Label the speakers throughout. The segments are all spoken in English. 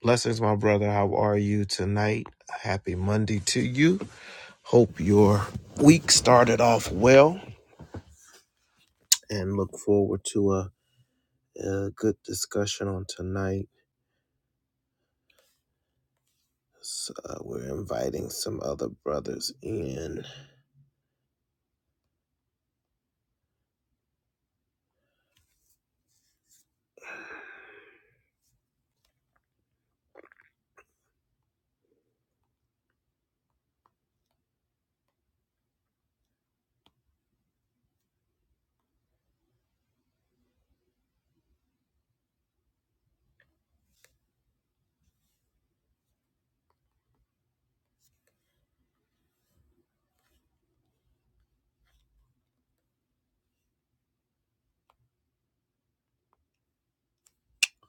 Speaker 1: Blessings, my brother. How are you tonight? Happy Monday to you. Hope your week started off well and look forward to a, a good discussion on tonight. So, uh, we're inviting some other brothers in.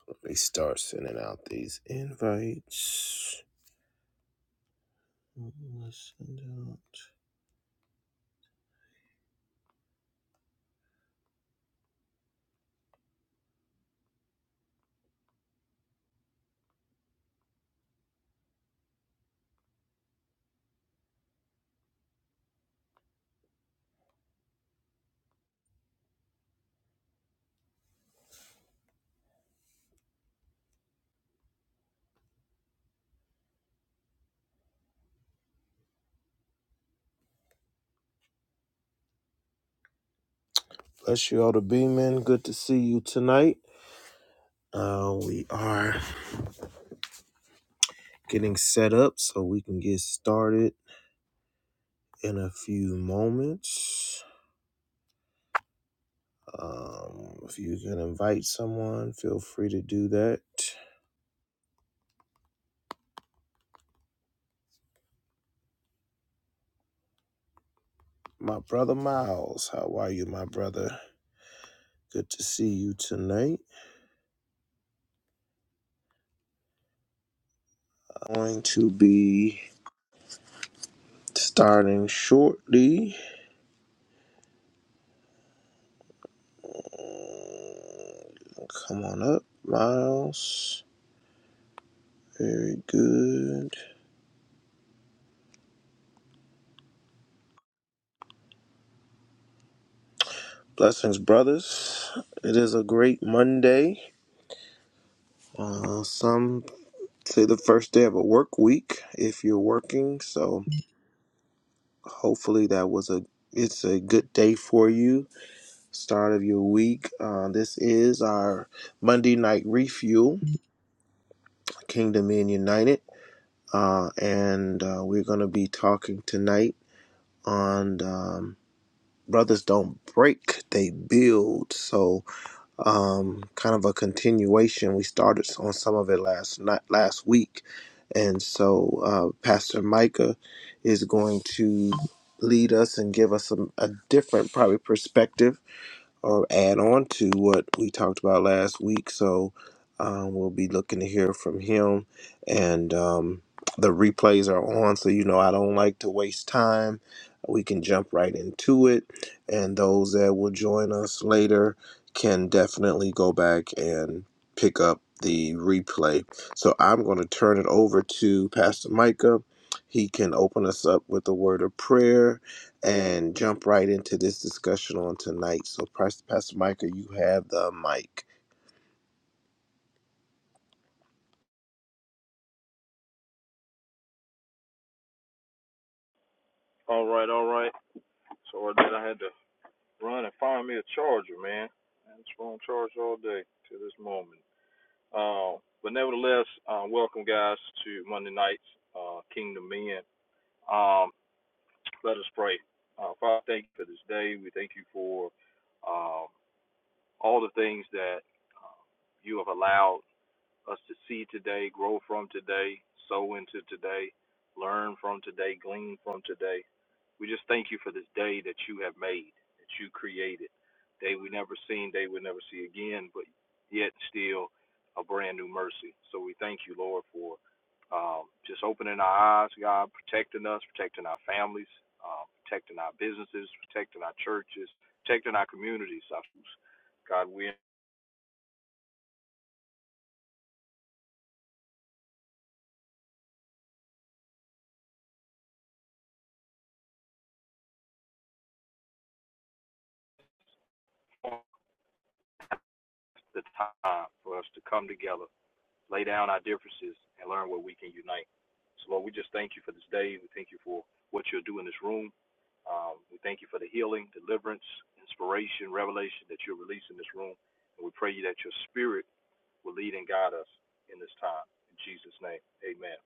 Speaker 1: Let me start sending out these invites. Let's send out- Bless you all to be, man. Good to see you tonight. Uh, we are getting set up so we can get started in a few moments. Um, if you can invite someone, feel free to do that. My brother Miles, how are you, my brother? Good to see you tonight. I'm Going to be starting shortly. Come on up, Miles. Very good. Blessings, brothers. It is a great Monday. Uh, some say the first day of a work week if you're working. So hopefully that was a it's a good day for you start of your week. Uh, this is our Monday night refuel, Kingdom Men United, uh, and uh, we're going to be talking tonight on um, brothers don't break, they build. So, um, kind of a continuation. We started on some of it last night, last week, and so uh, Pastor Micah is going to lead us and give us some, a different probably perspective or add on to what we talked about last week. So um, we'll be looking to hear from him. And um, the replays are on, so you know I don't like to waste time. We can jump right into it. And those that will join us later can definitely go back and pick up the replay. So I'm going to turn it over to Pastor Micah. He can open us up with a word of prayer and jump right into this discussion on tonight. So, Pas- Pastor Micah, you have the mic.
Speaker 2: All right, all right. So I did. I had to run and find me a charger, man. I was on charge all day to this moment. Uh, but nevertheless, uh, welcome guys to Monday night's uh, Kingdom Men. Um, let us pray. Uh, Father, thank you for this day. We thank you for um all the things that uh, you have allowed us to see today, grow from today, sow into today, learn from today, glean from today. We just thank you for this day that you have made, that you created. Day we never seen, day we'll never see again, but yet still a brand new mercy. So we thank you, Lord, for um, just opening our eyes, God, protecting us, protecting our families, uh, protecting our businesses, protecting our churches, protecting our communities. God, we inform the time for us to come together lay down our differences, and learn where we can unite. So, Lord, we just thank you for this day. We thank you for what you'll do in this room. Um, we thank you for the healing, deliverance, inspiration, revelation that you'll release in this room. And we pray you that your spirit will lead and guide us in this time. In Jesus' name, amen.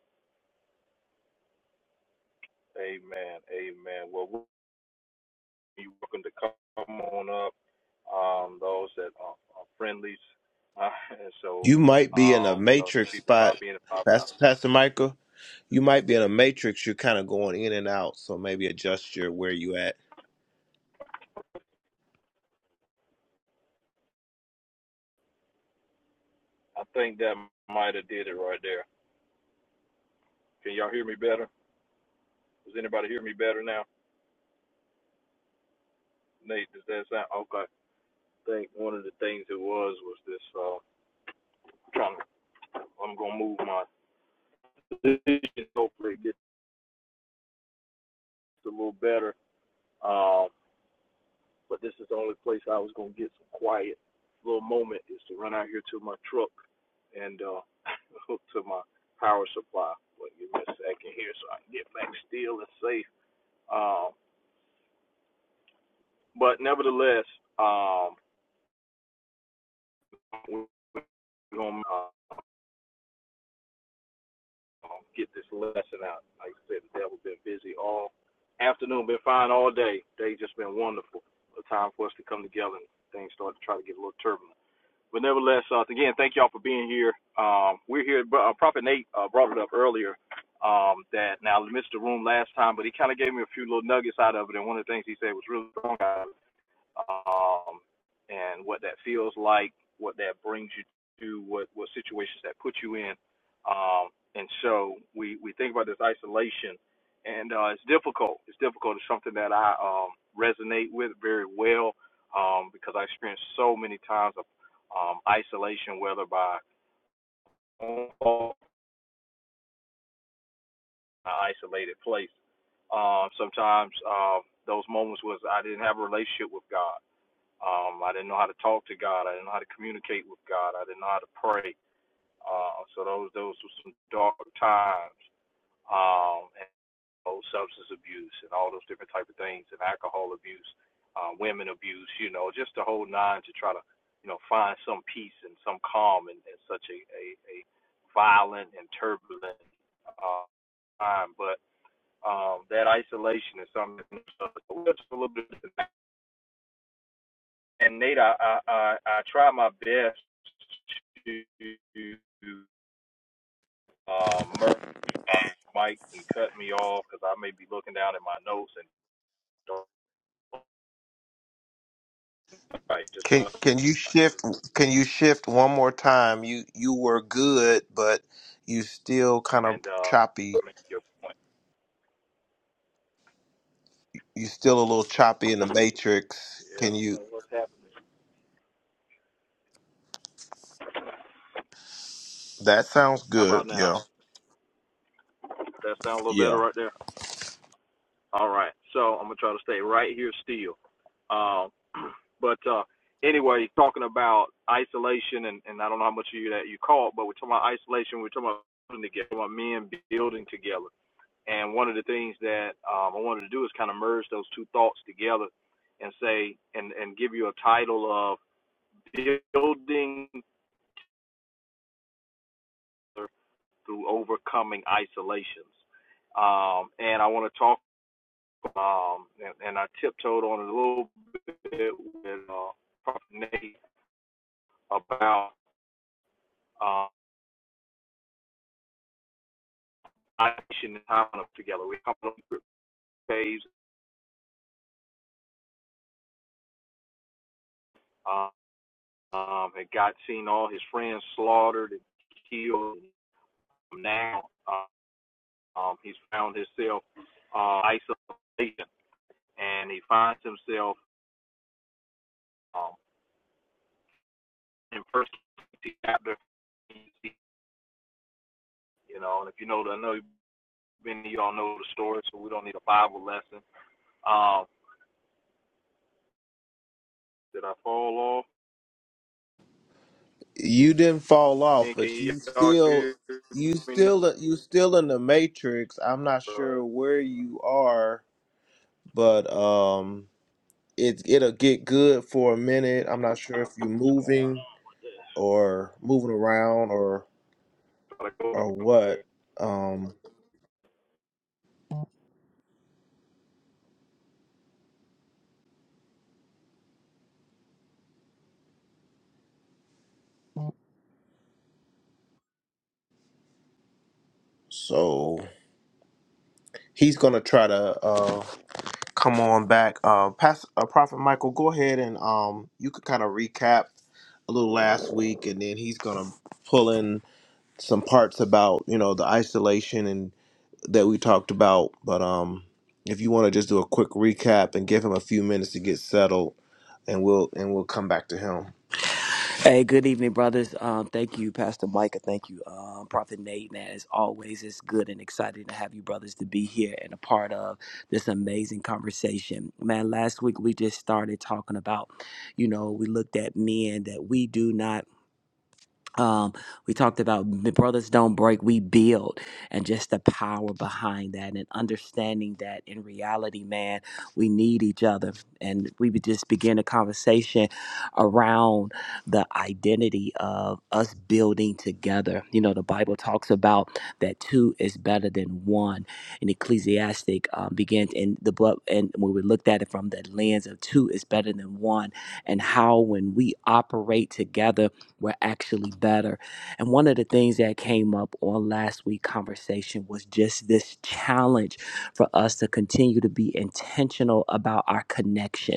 Speaker 2: Amen. Amen. Well, you're welcome to come on up, um, those that are, are friendlies. Uh, and so
Speaker 1: You might be in a
Speaker 2: um, we know some
Speaker 1: matrix
Speaker 2: people pop
Speaker 1: spot,
Speaker 2: in and pop out.
Speaker 1: Pastor, Pastor Micah. You might be in a matrix. You're kind of going in and out, so maybe adjust your where you at.
Speaker 2: I think that might have did it right there. Can y'all hear me better? Does anybody hear me better now? Nate, does that sound okay? I think one of the things it was was this. Uh, trying, to, I'm gonna move my position. Hopefully, it gets a little better. Um, but this is the only place I was gonna get some quiet. Little moment is to run out here to my truck and uh, hook to my power supply. But give me a second here so I can get back still and safe. Um, but nevertheless, um, we're gonna uh, get this lesson out. Like I said, the devil's been busy all afternoon, been fine all day. Day just been wonderful. A time for us to come together and things start to try to get a little turbulent. But nevertheless, uh, again, thank y'all for being here. Um, we're here. Uh, Prophet Nate uh, brought it up earlier um, that now I missed the room last time, but he kind of gave me a few little nuggets out of it. And one of the things he said was really strong. I um, and what that feels like, what that brings you to, what what situations that put you in. Um, and so we we think about this isolation, and uh, it's difficult. It's difficult. It's something that I um, resonate with very well um, because I experienced so many times of um, isolation, whether by home or an isolated place. Um, sometimes um, those moments was I didn't have a relationship with God. Um, I didn't know how to talk to God. I didn't know how to communicate with God. I didn't know how to pray. Uh, so those those were some dark times. Um, and you substance abuse and all those different type of things, and alcohol abuse, uh, women abuse. You know, just the whole nine to try to you know find some peace and some calm in, in such a, a a violent and turbulent uh, time. But um, that isolation is something. So a little bit. and Nate, I, I, I, try my best to uh, merge mics and cut me off because I may be looking down at my notes and don't write just
Speaker 1: Can
Speaker 2: well.
Speaker 1: Can you shift? Can you shift one more time? You You were good, but you still kind of
Speaker 2: And uh,
Speaker 1: choppy.
Speaker 2: make your point.
Speaker 1: You still a little choppy in the matrix.
Speaker 2: Yeah, I
Speaker 1: Can
Speaker 2: don't
Speaker 1: you?
Speaker 2: know what's happening.
Speaker 1: That sounds
Speaker 2: How about
Speaker 1: good.
Speaker 2: now?
Speaker 1: Yeah.
Speaker 2: Does that sound a little
Speaker 1: Yeah.
Speaker 2: better right there? All right. So I'm gonna try to stay right here still. Um, but uh, anyway, talking about isolation, and, and I don't know how much of you that you caught, but we're talking about isolation. We're talking about building together, we're talking about men building together. And one of the things that um, I wanted to do is kind of merge those two thoughts together and say, and, and give you a title of Building Through Overcoming Isolations. Um, and I want to talk, um, and, and I tiptoed on it a little bit with uh, Prophet Nate about uh, isolation and how to come together. We come on different ways, uh, um, and God seen all his friends slaughtered and killed. Now uh, Um, he's found himself uh, isolation, and he finds himself um, in first chapter. You know, and if you know, I know many of y'all know the story, so we don't need a Bible lesson. Um, did I fall off?
Speaker 1: you didn't fall off, but
Speaker 2: can
Speaker 1: you
Speaker 2: y'all
Speaker 1: still
Speaker 2: hear
Speaker 1: you
Speaker 2: me
Speaker 1: still you still in the matrix. I'm not sure where you are, but um it it'll get good for a minute. I'm not sure if you're
Speaker 2: What's going
Speaker 1: moving or moving around or
Speaker 2: on?
Speaker 1: or what. Um so he's gonna try to uh come on back. Uh Pastor uh, Prophet Michael, go ahead and um you could kind of recap a little last week and then he's gonna pull in some parts about you know the isolation and that we talked about but um if you want to just do a quick recap and give him a few minutes to get settled and we'll and we'll come back to him
Speaker 3: Hey, good evening, brothers. Um, thank you, Pastor Micah. Thank you, um, Prophet Nate. Man, as always, it's good and exciting to have you brothers to be here and a part of this amazing conversation. Man, last week we just started talking about, you know, we looked at men that we do not um, we talked about the brothers don't break, we build, and just the power behind that, and understanding that in reality, man, we need each other. And we would just begin a conversation around the identity of us building together. You know, the Bible talks about that two is better than one, and Ecclesiastic um, begins in the book, and when we looked at it from the lens of two is better than one, and how when we operate together were actually better. And one of the things that came up on last week's conversation was just this challenge for us to continue to be intentional about our connection.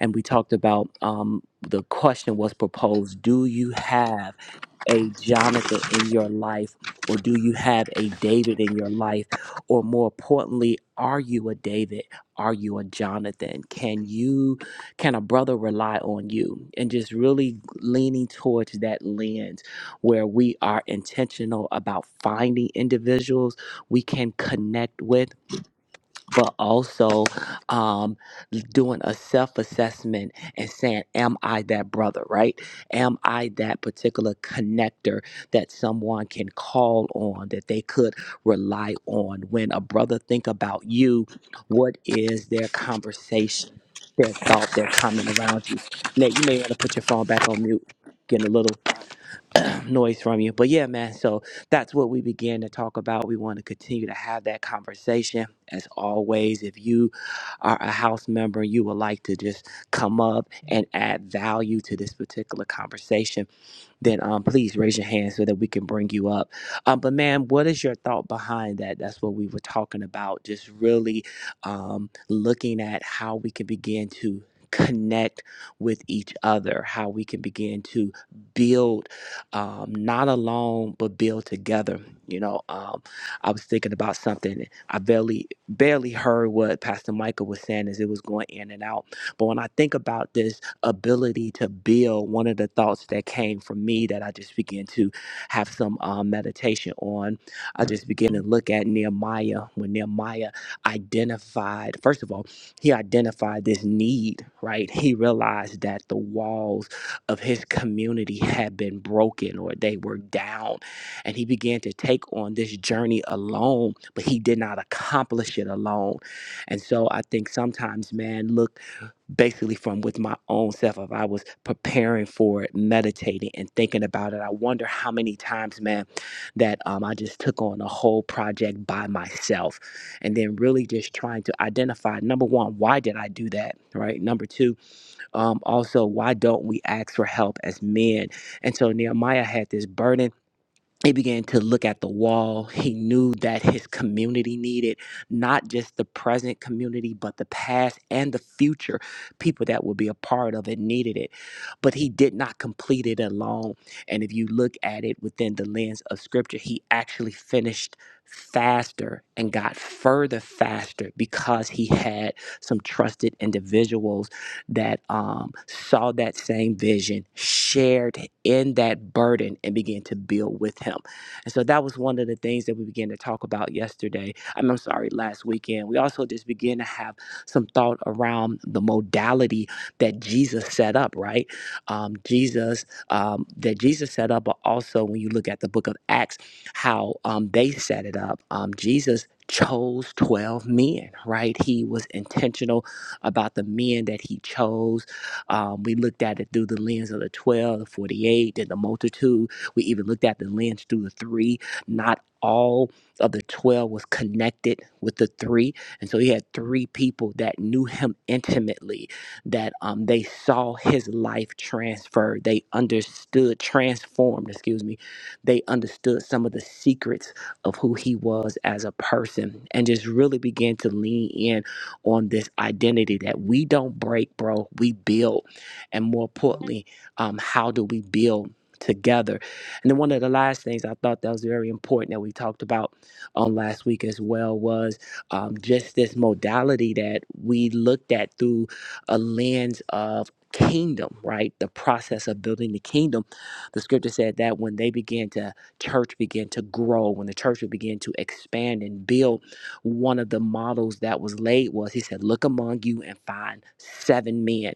Speaker 3: And we talked about um, the question was proposed Do you have? a Jonathan in your life? Or do you have a David in your life? Or more importantly, are you a David? Are you a Jonathan? Can you, can a brother rely on you? And just really leaning towards that lens where we are intentional about finding individuals we can connect with but also um, doing a self assessment and saying, Am I that brother, right? Am I that particular connector that someone can call on, that they could rely on? When a brother think about you, what is their conversation, their thought, their comment around you? Nate, you may want to put your phone back on mute, getting a little noise from you. But yeah, man, so that's what we began to talk about. We want to continue to have that conversation. As always, if you are a house member, you would like to just come up and add value to this particular conversation then um, please raise your hand so that we can bring you up. Um, but, ma'am, what is your thought behind that? That's what we were talking about, just really um, looking at how we can begin to connect with each other, how we can begin to build um, not alone, but build together. You know, um, I was thinking about something. I barely barely heard what Pastor Michael was saying as it was going in and out. But when I think about this, ability to build. One of the thoughts that came from me that I just began to have some um, meditation on, I just began to look at Nehemiah when Nehemiah identified, first of all, he identified this need, right? He realized that the walls of his community had been broken or they were down and he began to take on this journey alone, but he did not accomplish it alone. And so I think sometimes, man, look basically from with my own self if i was preparing for it meditating and thinking about it i wonder how many times man that um, i just took on a whole project by myself and then really just trying to identify number one why did i do that right number two um, also why don't we ask for help as men and so nehemiah had this burden he began to look at the wall. He knew that his community needed not just the present community, but the past and the future people that would be a part of it needed it. But he did not complete it alone. And if you look at it within the lens of scripture, he actually finished faster and got further faster because he had some trusted individuals that um, saw that same vision, shared in that burden, and began to build with him. And so that was one of the things that we began to talk about yesterday. I'm, I'm sorry, last weekend. We also just began to have some thought around the modality that Jesus set up, right? Um, Jesus, um, that Jesus set up, but also when you look at the book of Acts, how um, they set it up. Um, Jesus chose 12 men, right? He was intentional about the men that he chose. Um, we looked at it through the lens of the 12, the 48, and the multitude. We even looked at the lens through the three. Not all of the 12 was connected with the three. And so he had three people that knew him intimately, that um, they saw his life transferred. They understood, transformed, excuse me. They understood some of the secrets of who he was as a person and just really began to lean in on this identity that we don't break, bro. We build. And more importantly, um, how do we build together? And then one of the last things I thought that was very important that we talked about on last week as well was um, just this modality that we looked at through a lens of kingdom, right? The process of building the kingdom. The scripture said that when they began to church began to grow, when the church began to expand and build one of the models that was laid was he said, Look among you and find seven men.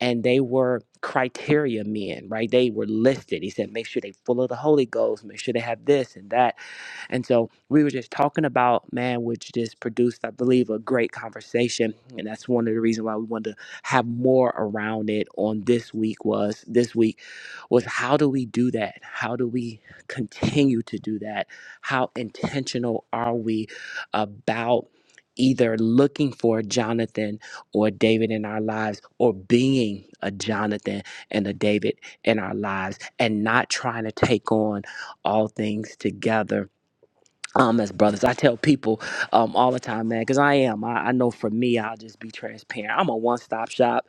Speaker 3: And they were criteria men, right? They were listed. He said, Make sure they full of the Holy Ghost, make sure they have this and that. And so we were just talking about, man, which just produced, I believe, a great conversation. And that's one of the reasons why we wanted to have more around it on this week was this week was how do we do that? How do we continue to do that? How intentional are we about either looking for a Jonathan or a David in our lives or being a Jonathan and a David in our lives and not trying to take on all things together? Um, as brothers, I tell people um, all the time, man, because I am. I, I know for me, I'll just be transparent. I'm a one stop shop.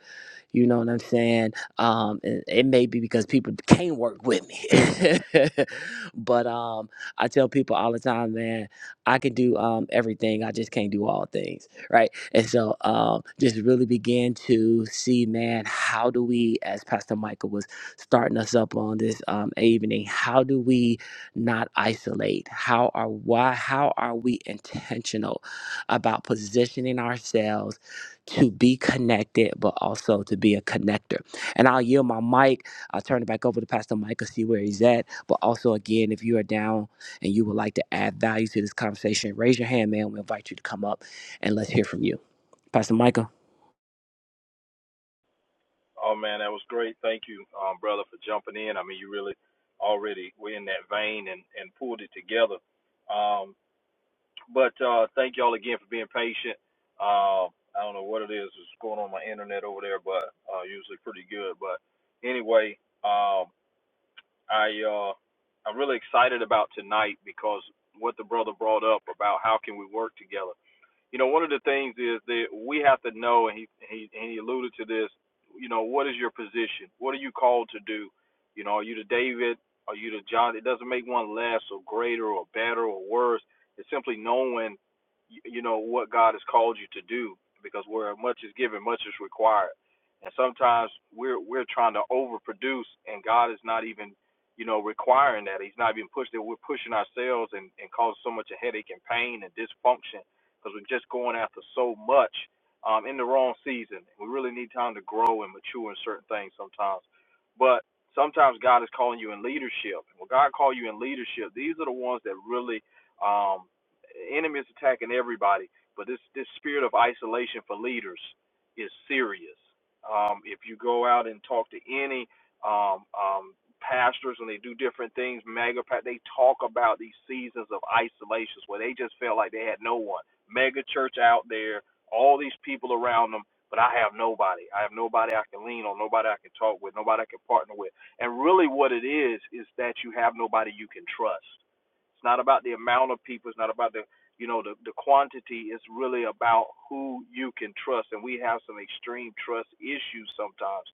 Speaker 3: You know what I'm saying? Um, it, it may be because people can't work with me, but um, I tell people all the time, man, I can do um everything. I just can't do all things, right? And so, um, just really begin to see, man, how do we, as Pastor Michael was starting us up on this um evening, how do we not isolate? How are why? How are we intentional about positioning ourselves? to be connected, but also to be a connector. And I'll yield my mic. I'll turn it back over to Pastor Mike to see where he's at. But also, again, if you are down and you would like to add value to this conversation, raise your hand, man. We invite you to come up and let's hear from you. Pastor Micah.
Speaker 2: Oh man, that was great. Thank you, um, brother, for jumping in. I mean, you really already were in that vein and and pulled it together. Um, But uh, thank y'all again for being patient. Uh, I don't know what it is that's going on with my internet over there, but uh, usually pretty good. But anyway, um, I uh, I'm really excited about tonight because what the brother brought up about how can we work together you know, one of the things is that we have to know, and he he and he alluded to this. You know, what is your position? What are you called to do? You know, are you the David? Are you the John? It doesn't make one less or greater or better or worse. It's simply knowing, you know, what God has called you to do. Because where much is given, much is required. And sometimes we're we're trying to overproduce, and God is not even, you know, requiring that. He's not even pushing. that. We're pushing ourselves and and causing so much a headache and pain and dysfunction because we're just going after so much um, in the wrong season. We really need time to grow and mature in certain things sometimes. But sometimes God is calling you in leadership. When God call you in leadership, these are the ones that really um, enemy is attacking everybody. But this this spirit of isolation for leaders is serious. Um, if you go out and talk to any um, um, pastors when they do different things, mega pa- they talk about these seasons of isolations where they just felt like they had no one mega church out there, all these people around them, but I have nobody. I have nobody I can lean on, nobody I can talk with, nobody I can partner with. And really, what it is is that you have nobody you can trust. It's not about the amount of people. It's not about the you know the the quantity. It's really about who you can trust. And we have some extreme trust issues sometimes.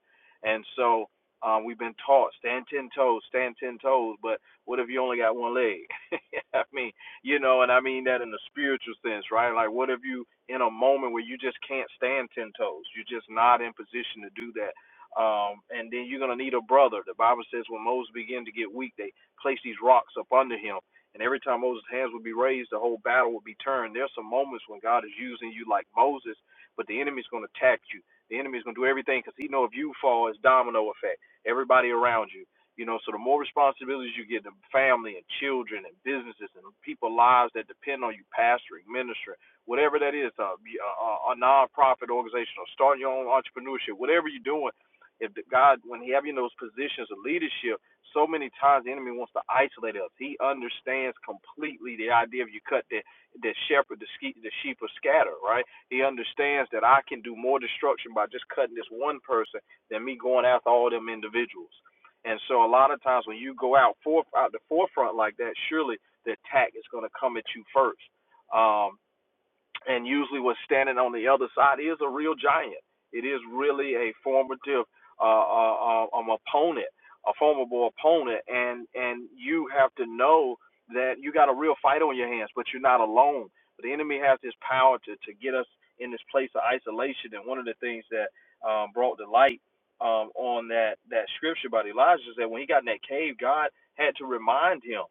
Speaker 2: And so um, we've been taught stand ten toes, stand ten toes. But what if you only got one leg? I mean, you know, and I mean that in the spiritual sense, right? Like, what if you in a moment where you just can't stand ten toes? You're just not in position to do that. Um, and then you're gonna need a brother. The Bible says when Moses began to get weak, they placed these rocks up under him. And every time Moses' hands would be raised, the whole battle would be turned. There's some moments when God is using you like Moses, but the enemy's gonna attack you. The enemy's gonna do everything because he know if you fall, it's domino effect. Everybody around you. You know, so the more responsibilities you get to family and children and businesses and people lives that depend on you, pastoring, ministering, whatever that is, uh, a, a, non-profit organization or starting your own entrepreneurship, whatever you're doing, if the God, when He have you in those positions of leadership, so many times the enemy wants to isolate us. He understands completely the idea of you cut the the shepherd, the, ske- the sheep are scatter, right? He understands that I can do more destruction by just cutting this one person than me going after all them individuals. And so a lot of times when you go out for out the forefront like that, surely the attack is going to come at you first. Um, and usually what's standing on the other side is a real giant. It is really a formative uh, uh, uh, um, opponent, a formidable opponent, and and you have to know that you got a real fight on your hands, but you're not alone. But The enemy has this power to to get us in this place of isolation, and one of the things that um, brought the light um, on that that scripture about Elijah is that when he got in that cave, God had to remind him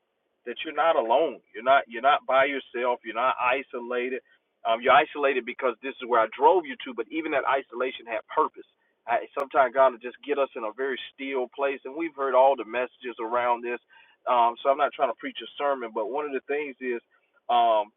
Speaker 2: that you're not alone. You're not you're not by yourself. You're not isolated um, you're isolated because this is where I drove you to, but even that isolation had purpose. I, sometimes God will just get us in a very still place, and we've heard all the messages around this. Um, so I'm not trying to preach a sermon, but one of the things is um,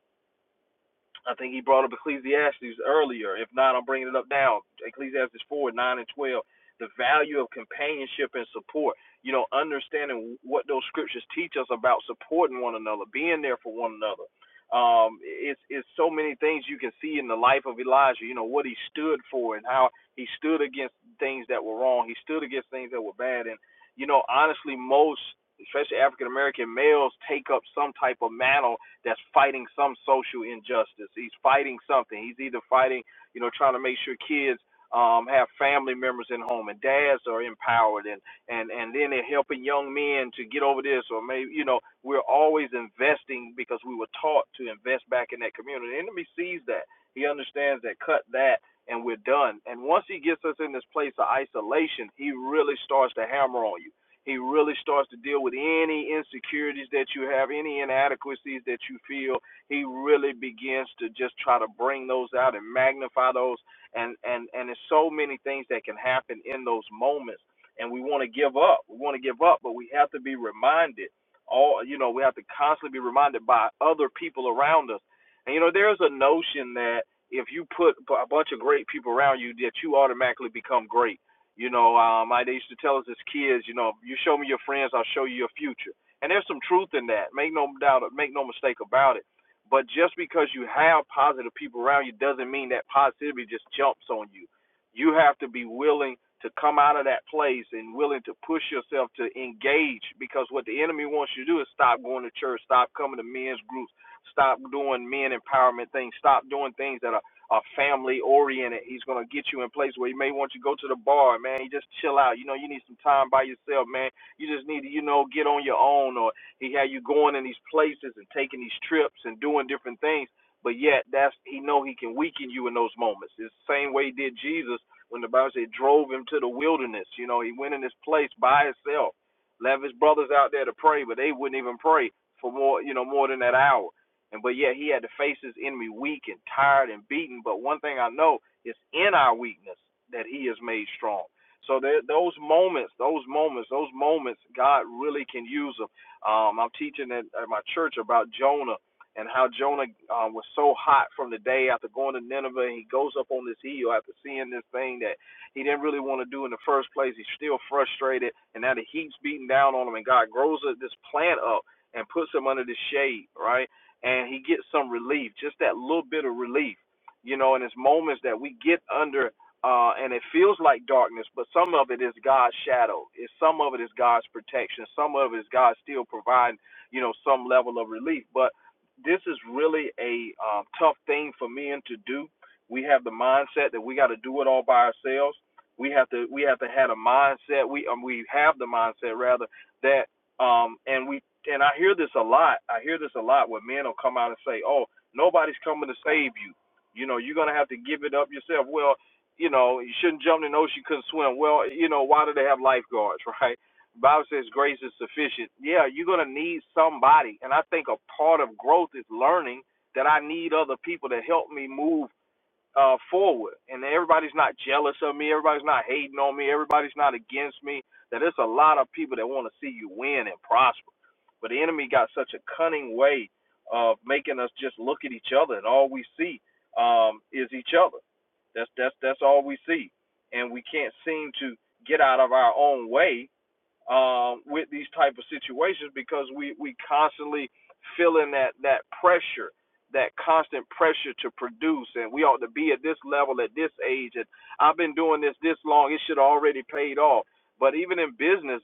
Speaker 2: I think he brought up Ecclesiastes earlier. If not, I'm bringing it up now. Ecclesiastes 4, 9, and 12. The value of companionship and support. You know, understanding what those scriptures teach us about supporting one another, being there for one another. Um, it's it's so many things you can see in the life of Elijah. You know what he stood for and how he stood against things that were wrong. He stood against things that were bad. And you know, honestly, most especially African American males take up some type of mantle that's fighting some social injustice. He's fighting something. He's either fighting, you know, trying to make sure kids um, have family members in home and dads are empowered and, and, and then they're helping young men to get over this or maybe, you know, we're always investing because we were taught to invest back in that community. The enemy sees that. He understands that cut that and we're done. And once he gets us in this place of isolation, he really starts to hammer on you he really starts to deal with any insecurities that you have, any inadequacies that you feel. He really begins to just try to bring those out and magnify those and and and there's so many things that can happen in those moments and we want to give up. We want to give up, but we have to be reminded all you know, we have to constantly be reminded by other people around us. And you know, there's a notion that if you put a bunch of great people around you that you automatically become great you know, um, I, they used to tell us as kids, you know, you show me your friends, I'll show you your future. And there's some truth in that. Make no doubt, make no mistake about it. But just because you have positive people around you doesn't mean that positivity just jumps on you. You have to be willing to come out of that place and willing to push yourself to engage because what the enemy wants you to do is stop going to church, stop coming to men's groups, stop doing men empowerment things, stop doing things that are are family oriented. He's gonna get you in place where he may want you to go to the bar, man. You just chill out. You know, you need some time by yourself, man. You just need to, you know, get on your own or he had you going in these places and taking these trips and doing different things. But yet that's he know he can weaken you in those moments. It's the same way he did Jesus when the Bible said drove him to the wilderness. You know, he went in this place by himself. Left his brothers out there to pray, but they wouldn't even pray for more, you know, more than that hour and but yet he had to face his enemy weak and tired and beaten. But one thing I know is in our weakness that he is made strong. So there, those moments, those moments, those moments, God really can use them. Um, I'm teaching at, at my church about Jonah and how Jonah um, was so hot from the day after going to Nineveh. And he goes up on this hill after seeing this thing that he didn't really want to do in the first place. He's still frustrated, and now the heat's beating down on him, and God grows this plant up and puts him under the shade, right? and he gets some relief, just that little bit of relief, you know. And it's moments that we get under, uh, and it feels like darkness, but some of it is God's shadow. It's some of it is God's protection. Some of it is God still providing, you know, some level of relief. But this is really a um, tough thing for men to do. We have the mindset that we got to do it all by ourselves. We have to we have to have a mindset. We um, we have the mindset rather that um, and we and I hear this a lot. I hear this a lot where men will come out and say, "Oh, nobody's coming to save you. You know, you're gonna have to give it up yourself." Well, you know, you shouldn't jump in the ocean, you couldn't swim. Well, you know, why do they have lifeguards, right? The Bible says grace is sufficient. Yeah, you're gonna need somebody, and I think a part of growth is learning that I need other people to help me move uh, forward, and everybody's not jealous of me. Everybody's not hating on me. Everybody's not against me. That there's a lot of people that want to see you win and prosper. But the enemy got such a cunning way of making us just look at each other, and all we see um, is each other. That's that's that's all we see, and we can't seem to get out of our own way um, with these type of situations because we we constantly feeling that that pressure, that constant pressure to produce, and we ought to be at this level at this age. And I've been doing this this long; it should have already paid off. But even in business,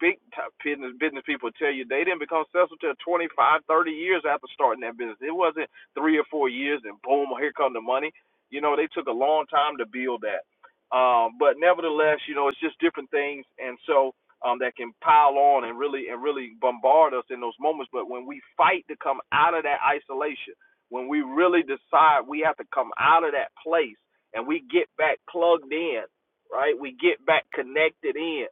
Speaker 2: big time business business people tell you they didn't become successful till 25, 30 years after starting that business. It wasn't three or four years and boom, here come the money. You know, they took a long time to build that. Um, but nevertheless, you know, it's just different things, and so um, that can pile on and really and really bombard us in those moments. But when we fight to come out of that isolation, when we really decide we have to come out of that place and we get back plugged in, right? We get back connected in.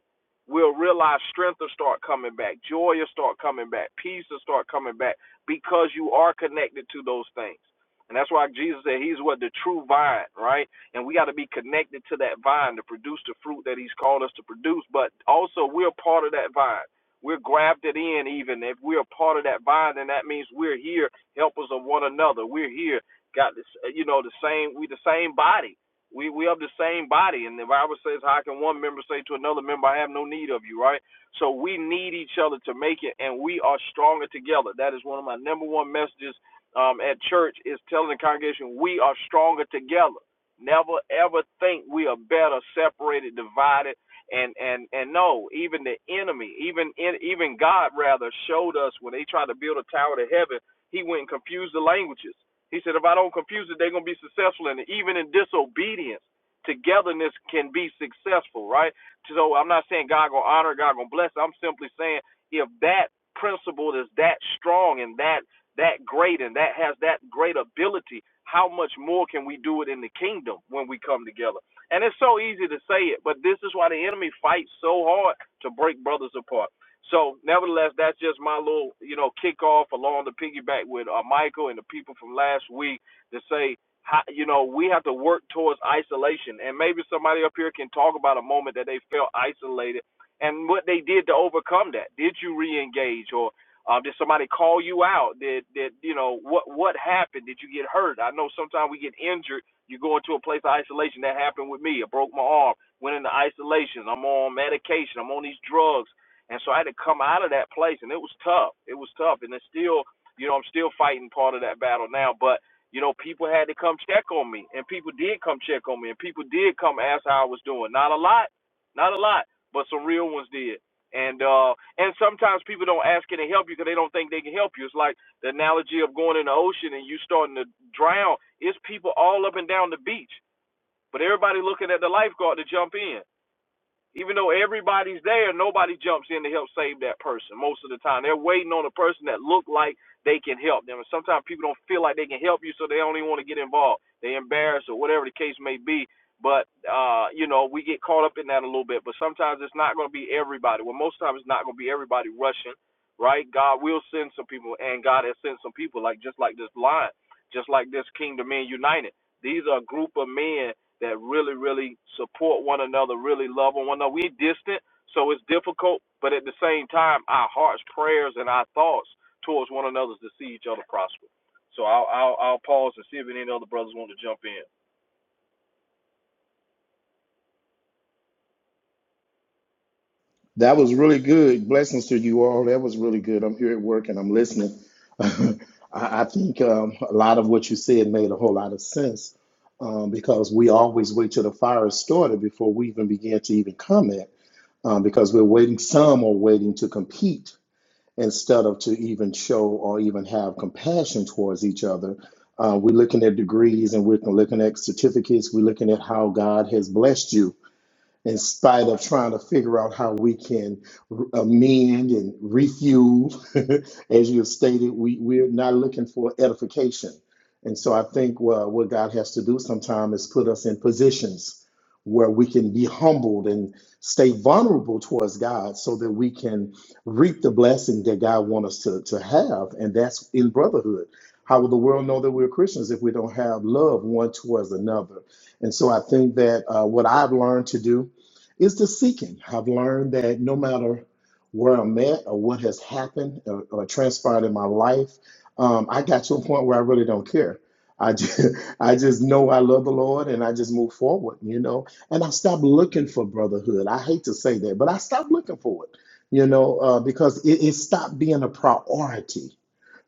Speaker 2: We'll realize strength will start coming back, joy will start coming back, peace will start coming back because you are connected to those things. And that's why Jesus said he's what the true vine, right? and we got to be connected to that vine to produce the fruit that he's called us to produce but also we're part of that vine we're grafted in even if we're a part of that vine then that means we're here helpers of one another we're here got this uh, you know the same we the same body we we of the same body and the bible says how can one member say to another member i have no need of you right so we need each other to make it and we are stronger together that is one of my number one messages um, at church is telling the congregation we are stronger together Never ever think we are better separated, divided, and and and no, even the enemy, even even God rather showed us when they tried to build a tower to heaven, He went and confused the languages. He said, if I don't confuse it, they're gonna be successful in it. Even in disobedience, togetherness can be successful, right? So I'm not saying God gonna honor, God gonna bless. I'm simply saying if that principle is that strong and that that great and that has that great ability, how much more can we do it in the kingdom when we come together? And it's so easy to say it, but this is why the enemy fights so hard to break brothers apart. So, nevertheless, that's just my little, you know, kickoff along the piggyback with uh, Michael and the people from last week to say, how, you know, we have to work towards isolation. And maybe somebody up here can talk about a moment that they felt isolated and what they did to overcome that. Did you re engage? Or um, did somebody call you out? Did did you know what what happened? Did you get hurt? I know sometimes we get injured. You go into a place of isolation. That happened with me. I broke my arm. Went into isolation. I'm on medication. I'm on these drugs, and so I had to come out of that place, and it was tough. It was tough, and it's still you know I'm still fighting part of that battle now, but. You know, people had to come check on me, and people did come check on me, and people did come ask how I was doing. Not a lot, not a lot, but some real ones did. And uh, and sometimes people don't ask can to help you because they don't think they can help you. It's like the analogy of going in the ocean and you starting to drown. It's people all up and down the beach, but everybody looking at the lifeguard to jump in. Even though everybody's there, nobody jumps in to help save that person most of the time. They're waiting on a person that look like they can help them. And sometimes people don't feel like they can help you, so they don't even want to get involved. They are embarrassed or whatever the case may be. But uh, you know, we get caught up in that a little bit. But sometimes it's not gonna be everybody. Well, most times it's not gonna be everybody rushing, right? God will send some people and God has sent some people like just like this line, just like this Kingdom Men United. These are a group of men that really, really support one another, really love one another. We distant, so it's difficult, but at the same time, our hearts, prayers, and our thoughts towards one another is to see each other prosper. So I'll, I'll, I'll pause and see if any other brothers want to jump in.
Speaker 4: That was really good. Blessings to you all. That was really good. I'm here at work and I'm listening. I, I think um, a lot of what you said made a whole lot of sense um, because we always wait till the fire is started before we even begin to even comment um, because we're waiting. Some are waiting to compete instead of to even show or even have compassion towards each other. Uh, we're looking at degrees and we're looking at certificates. We're looking at how God has blessed you in spite of trying to figure out how we can r- amend and refuel. As you have stated, we, we're not looking for edification. And so I think uh, what God has to do sometimes is put us in positions where we can be humbled and stay vulnerable towards God so that we can reap the blessing that God wants us to, to have. And that's in brotherhood. How will the world know that we're Christians if we don't have love one towards another? And so I think that uh, what I've learned to do is the seeking. I've learned that no matter where I'm at or what has happened or, or transpired in my life, um, I got to a point where I really don't care. I just, I just know I love the Lord and I just move forward, you know. And I stopped looking for brotherhood. I hate to say that, but I stopped looking for it, you know, uh, because it, it stopped being a priority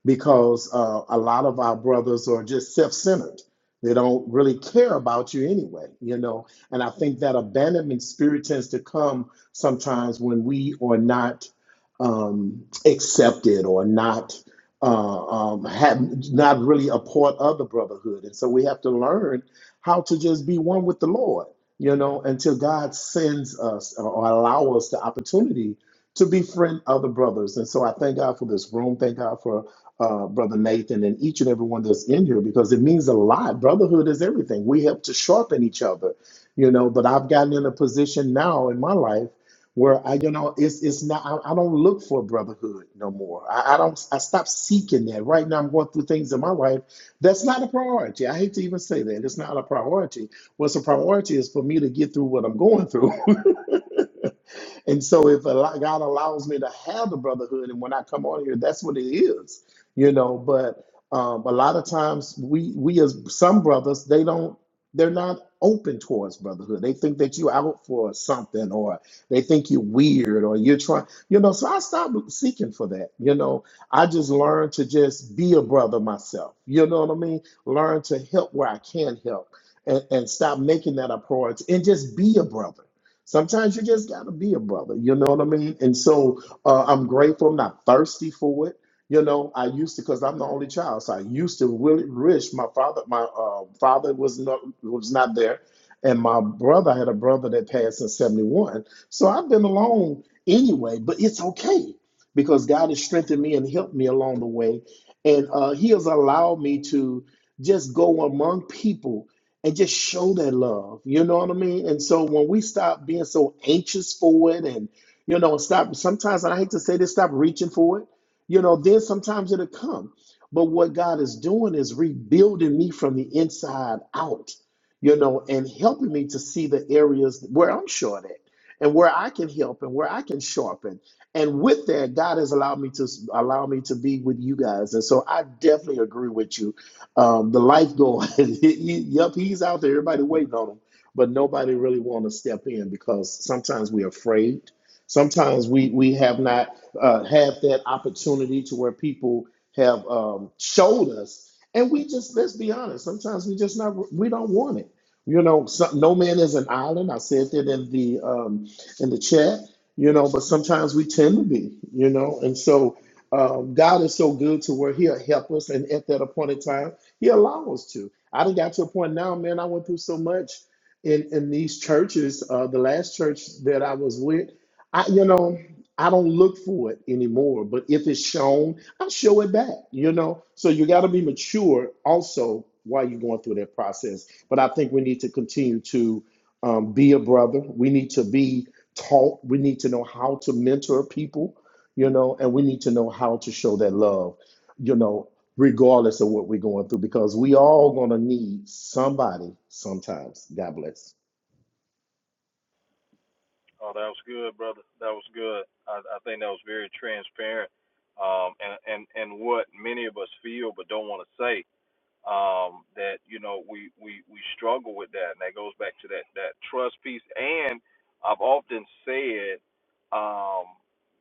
Speaker 4: because uh, a lot of our brothers are just self-centered. They don't really care about you anyway, you know. And I think that abandonment spirit tends to come sometimes when we are not um, accepted or not uh, um, have not really a part of the brotherhood. And so we have to learn how to just be one with the Lord, you know, until God sends us or allow us the opportunity to befriend other brothers. And so I thank God for this room. Thank God for uh, Brother Nathan, and each and everyone that's in here because it means a lot. Brotherhood is everything. We help to sharpen each other, you know. But I've gotten in a position now in my life where I, you know, it's it's not. I, I don't look for brotherhood no more. I, I don't. I stopped seeking that. Right now, I'm going through things in my life that's not a priority. I hate to even say that. It's not a priority. What's a priority is for me to get through what I'm going through and so if al- God allows me to have the brotherhood, and when I come on here, that's what it is, you know. But um, a lot of times we we as some brothers, they don't they're not open towards brotherhood. They think that you out for something or they think you're weird or you're trying, you know, so I stopped seeking for that. You know, I just learned to just be a brother myself. You know what I mean? Learn to help where I can help and, and stop making that a priority and just be a brother Sometimes you just gotta be a brother, you know what I mean? And so uh, I'm grateful. I'm not thirsty for it. You know, I used to because I'm the only child, so I used to really wish my father. My uh, father was not was not there, and my brother I had a brother that passed in '71. So I've been alone anyway, but it's okay because God has strengthened me and helped me along the way, and uh, He has allowed me to just go among people and just show that love. You know what I mean? And so when we stop being so anxious for it and, you know, stop sometimes, and I hate to say this, stop reaching for it, you know, then sometimes it'll come. But what God is doing is rebuilding me from the inside out, you know, and helping me to see the areas where I'm short at and where I can help and where I can sharpen. And with that, God has allowed me to allow me to be with you guys. And so I definitely agree with you um, the life going, yep, he's out there. Everybody waiting on him, but nobody really want to step in because sometimes we're afraid. Sometimes we we have not uh, have that opportunity to where people have um, showed us, and we just let's be honest. Sometimes we just not we don't want it. You know, so, no man is an island. I said that in the um, in the chat. You know, but sometimes we tend to be. You know, and so um, God is so good to where He'll help us, and at that appointed time. He allows us to. I done got to a point now, man. I went through so much in in these churches. Uh, the last church that I was with, I you know I don't look for it anymore. But if it's shown, I show it back. You know, so you got to be mature also while you're going through that process. But I think we need to continue to um, be a brother. We need to be taught. We need to know how to mentor people. You know, and we need to know how to show that love you know regardless of what we're going through, because we all gonna need somebody sometimes. God bless.
Speaker 2: Oh, that was good, brother. That was good. I, I think that was very transparent, um, and, and and what many of us feel but don't want to say. um, that you know we, we we struggle with that, and that goes back to that that trust piece. And I've often said, um,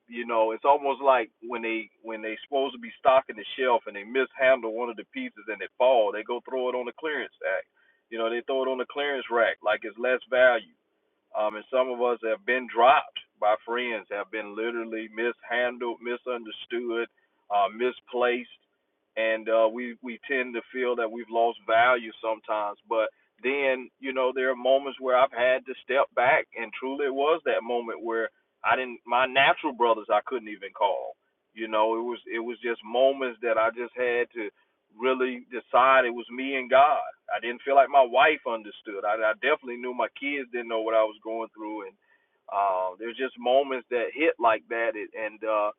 Speaker 2: you know, it's almost like when they when they supposed to be stocking the shelf and they mishandle one of the pieces and it fall, they go throw it on the clearance act. You know, they throw it on the clearance rack like it's less value um, and some of us have been dropped by friends, have been literally mishandled, misunderstood, uh, misplaced, and uh, we we tend to feel that we've lost value sometimes. But then, you know, there are moments where I've had to step back, and truly, it was that moment where I didn't my natural brothers I couldn't even call. You know, it was it was just moments that I just had to really decide it was me and God. I didn't feel like my wife understood. I, I definitely knew my kids didn't know what I was going through, and uh, there's just moments that hit like that, and uh,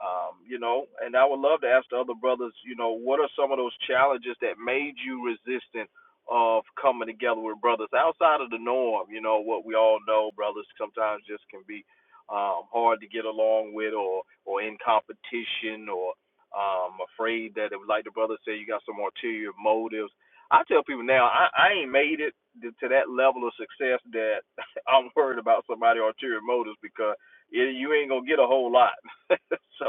Speaker 2: um, you know, and I would love to ask the other brothers, you know, what are some of those challenges that made you resistant of coming together with brothers outside of the norm? You know, what we all know, brothers sometimes just can be um, hard to get along with, or or in competition, or um, afraid that if, like the brother said, you got some ulterior motives. I tell people now, I, I ain't made it to to that level of success that I'm worried about somebody ulterior motives because it, you ain't gonna get a whole lot. so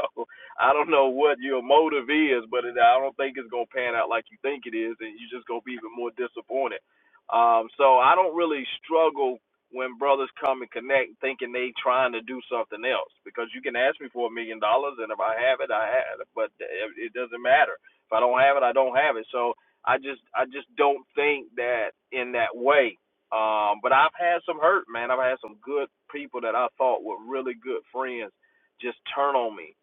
Speaker 2: I don't know what your motive is, but it, I don't think it's gonna pan out like you think it is, and you're just gonna be even more disappointed. Um, so I don't really struggle when brothers come and connect thinking they trying to do something else because you can ask me for a million dollars and if I have it I have it but it it doesn't matter if I don't have it I don't have it so I just I just don't think that in that way um but I've had some hurt man I've had some good people that I thought were really good friends just turn on me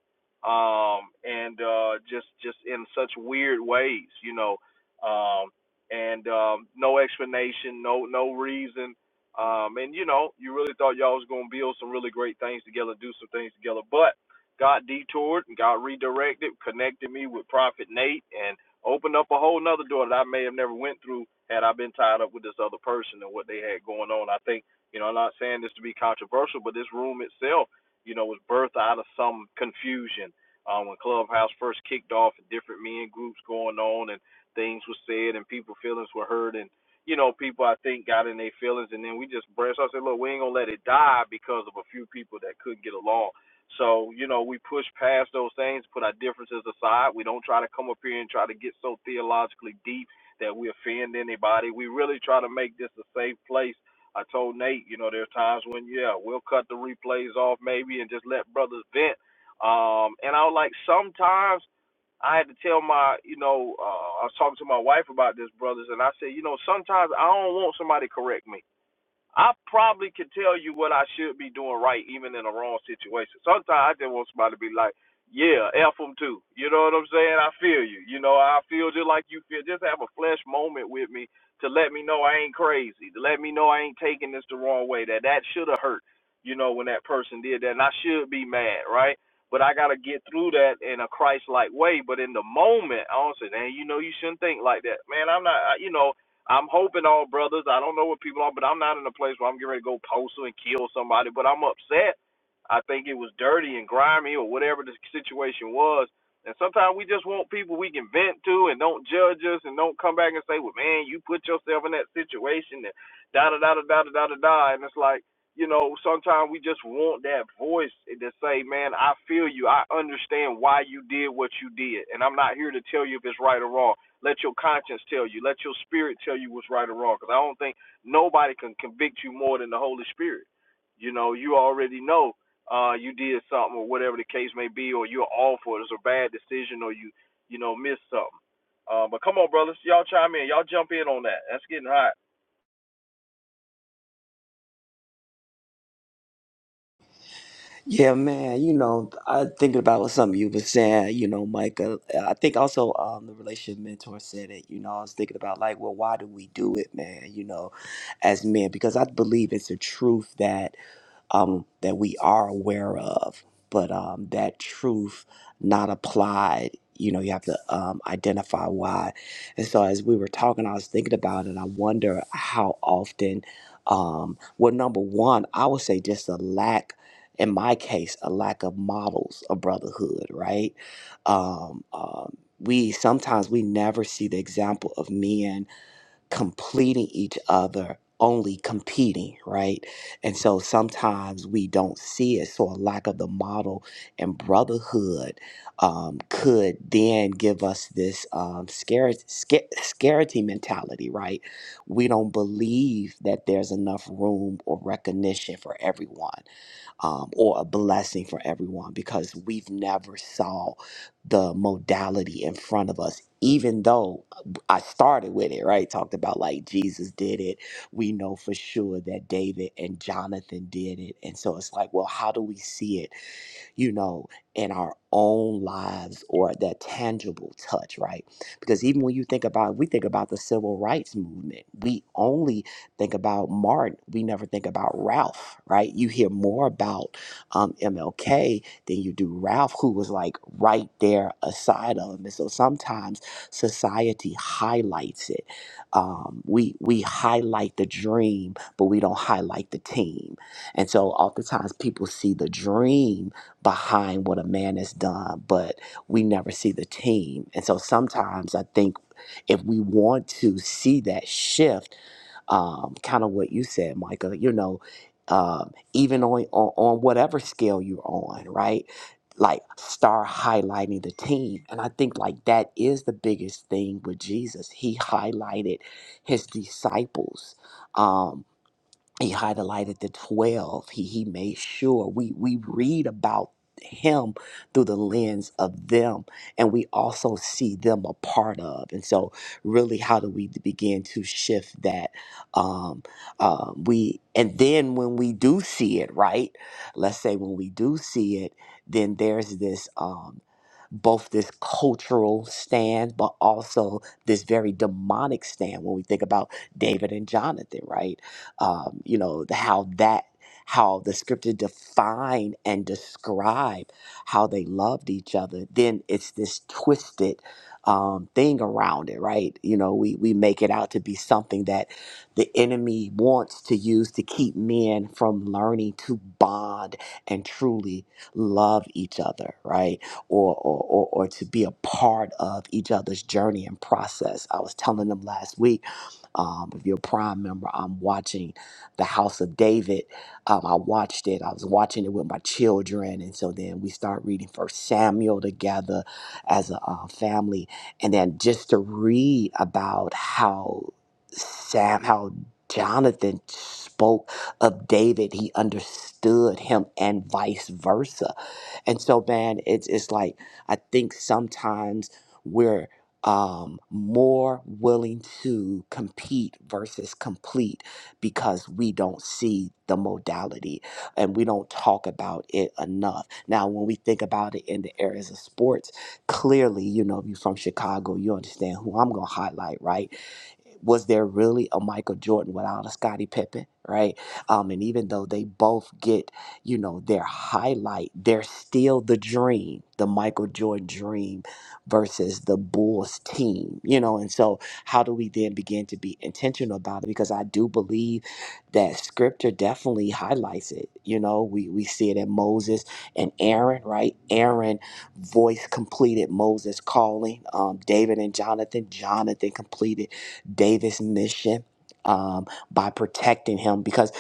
Speaker 2: um and uh just just in such weird ways you know um and um no explanation no no reason um, and you know, you really thought y'all was gonna build some really great things together, do some things together, but got detoured and got redirected, connected me with Prophet Nate, and opened up a whole nother door that I may have never went through had I been tied up with this other person and what they had going on. I think, you know, I'm not saying this to be controversial, but this room itself, you know, was birthed out of some confusion. Um, when Clubhouse first kicked off, and different men groups going on, and things were said, and people feelings were hurt, and you know, people I think got in their feelings, and then we just branched off. and Said, look, we ain't gonna let it die because of a few people that couldn't get along. So you know, we push past those things, put our differences aside. We don't try to come up here and try to get so theologically deep that we offend anybody. We really try to make this a safe place. I told Nate, you know, there are times when yeah, we'll cut the replays off maybe and just let brothers vent. Um, and I was like, sometimes I had to tell my, you know, uh, I was talking to my wife about this, brothers, and I said, you know, sometimes I don't want somebody to correct me. I probably can tell you what I should be doing right, even in a wrong situation. Sometimes I just want somebody to be like, "Yeah, f them too." You know what I'm saying? I feel you. You know, I feel just like you feel. Just have a flesh moment with me to let me know I ain't crazy, to let me know I ain't taking this the wrong way. That that should have hurt. You know, when that person did that, and I should be mad, right? But I gotta get through that in a Christ-like way. But in the moment, I don't say, "Man, you know, you shouldn't think like that." Man, I'm not. You know, I'm hoping all brothers. I don't know what people are, but I'm not in a place where I'm getting ready to go postal and kill somebody. But I'm upset. I think it was dirty and grimy or whatever the situation was. And sometimes we just want people we can vent to and don't judge us and don't come back and say, "Well, man, you put yourself in that situation." And da da da da da da da da. da. And it's like, you know, sometimes we just want that voice to say, "Man, I feel you. I understand why you did what you did." And I'm not here to tell you if it's right or wrong. Let your conscience tell you. Let your spirit tell you what's right or wrong. Because I don't think nobody can convict you more than the Holy Spirit. You know, you already know uh, you did something or whatever the case may be, or you're off or it's a bad decision or you, you know, missed something. Uh, but come on, brothers, y'all chime in. Y'all jump in on that. That's getting hot.
Speaker 3: Yeah, man. You know, I thinking about what something you was saying. You know, Micah. I think also um, the relationship mentor said it. You know, I was thinking about like, well, why do we do it, man? You know, as men, because I believe it's a truth that um, that we are aware of, but um, that truth not applied. You know, you have to um, identify why. And so, as we were talking, I was thinking about it. I wonder how often. Um, well, number one, I would say just a lack in my case, a lack of models of brotherhood, right? Um, um, we sometimes we never see the example of men completing each other only competing right and so sometimes we don't see it so a lack of the model and brotherhood um, could then give us this um, scarcity, scarcity mentality right we don't believe that there's enough room or recognition for everyone um, or a blessing for everyone because we've never saw the modality in front of us even though uh, i started with it right talked about like jesus did it we know for sure that david and jonathan did it and so it's like well how do we see it you know, in our own lives or that tangible touch, right? Because even when you think about, we think about the civil rights movement, we only think about Martin, we never think about Ralph, right? You hear more about um, MLK than you do Ralph, who was like right there aside of him. And so sometimes society highlights it. Um, we we highlight the dream, but we don't highlight the team. And so oftentimes people see the dream behind what a man has done, but we never see the team. And so sometimes I think if we want to see that shift, um, kind of what you said, Michael, you know, um, even on, on on whatever scale you're on, right? Like start highlighting the team. And I think like that is the biggest thing with Jesus. He highlighted his disciples. Um, he highlighted the 12 he, he made sure we, we read about him through the lens of them and we also see them a part of and so really how do we begin to shift that um uh, we and then when we do see it right let's say when we do see it then there's this um both this cultural stand but also this very demonic stand when we think about david and jonathan right um, you know, the, how that how the scripture define and describe how they loved each other, then it's this twisted um, thing around it, right? You know, we we make it out to be something that the enemy wants to use to keep men from learning to bond and truly love each other, right? Or or or, or to be a part of each other's journey and process. I was telling them last week um, if you're a Prime member, I'm watching The House of David. Um, I watched it. I was watching it with my children, and so then we start reading First Samuel together as a uh, family, and then just to read about how Sam, how Jonathan spoke of David, he understood him, and vice versa. And so, man, it's it's like I think sometimes. we're um, more willing to compete versus complete because we don't see the modality and we don't talk about it enough. Now, when we think about it in the areas of sports, clearly, you know, if you're from Chicago, you understand who I'm going to highlight, right? was there really a Michael Jordan without a Scottie Pippen, right? Um, and even though they both get, you know, their highlight, they're still the dream, the Michael Jordan dream versus the Bulls team, you know. And so, how do we then begin to be intentional about it? Because I do believe that Scripture definitely highlights it. You know, we we see it in Moses and Aaron, right? Aaron voice completed Moses' calling. Um, David and Jonathan, Jonathan completed. David's mission um, by protecting him because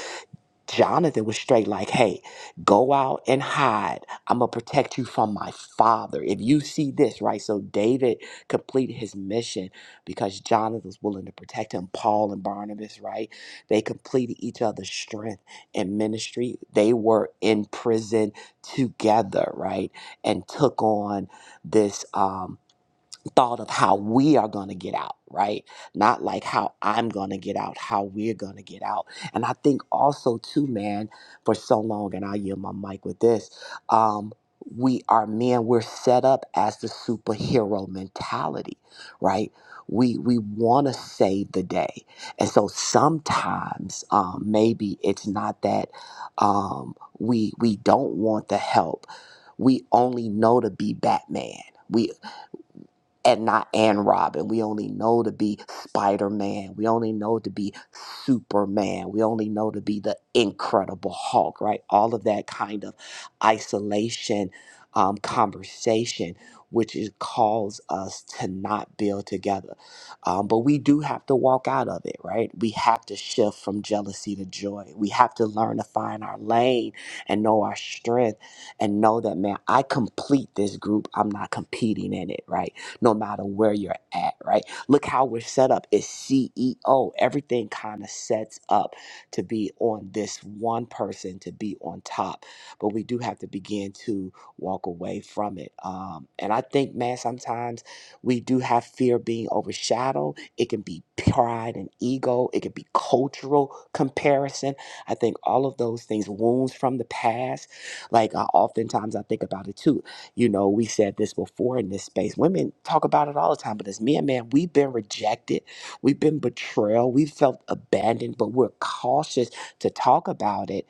Speaker 3: Jonathan was straight like, hey, go out and hide. I'm going to protect you from my father. If you see this, right? So David completed his mission because Jonathan was willing to protect him. Paul and Barnabas, right? They completed each other's strength and ministry. They were in prison together, right? And took on this. Um, thought of how we are going to get out, right? Not like how I'm going to get out, how we're going to get out. And I think also, too, man, for so long, and I yield my mic with this, um, we are men, we're set up as the superhero mentality, right? We, we want to save the day. And so sometimes um, maybe it's not that um, we, we don't want the help, we only know to be Batman. We and not and Robin. We only know to be Spider Man. We only know to be Superman. We only know to be the Incredible Hulk, right? All of that kind of isolation um, conversation, which is calls us to not build together. Um, but we do have to walk out of it, right? We have to shift from jealousy to joy. We have to learn to find our lane and know our strength and know that, man, I complete this group. I'm not competing in it, right? no matter where you're at, right? Look how we're set up. It's CEO. Everything kind of sets up to be on this one person to be on top. But we do have to begin to walk away from it. Um, and I think, man, sometimes we do have fear of being overshadowed. It can be pride and ego, it can be cultural comparison. I think all of those things, wounds from the past. Like, I oftentimes I think about it too you know, we said this before in this space. Women talk about it all the time, but as men, man, we've been rejected, we've been betrayal, we've felt abandoned, but we're cautious to talk about it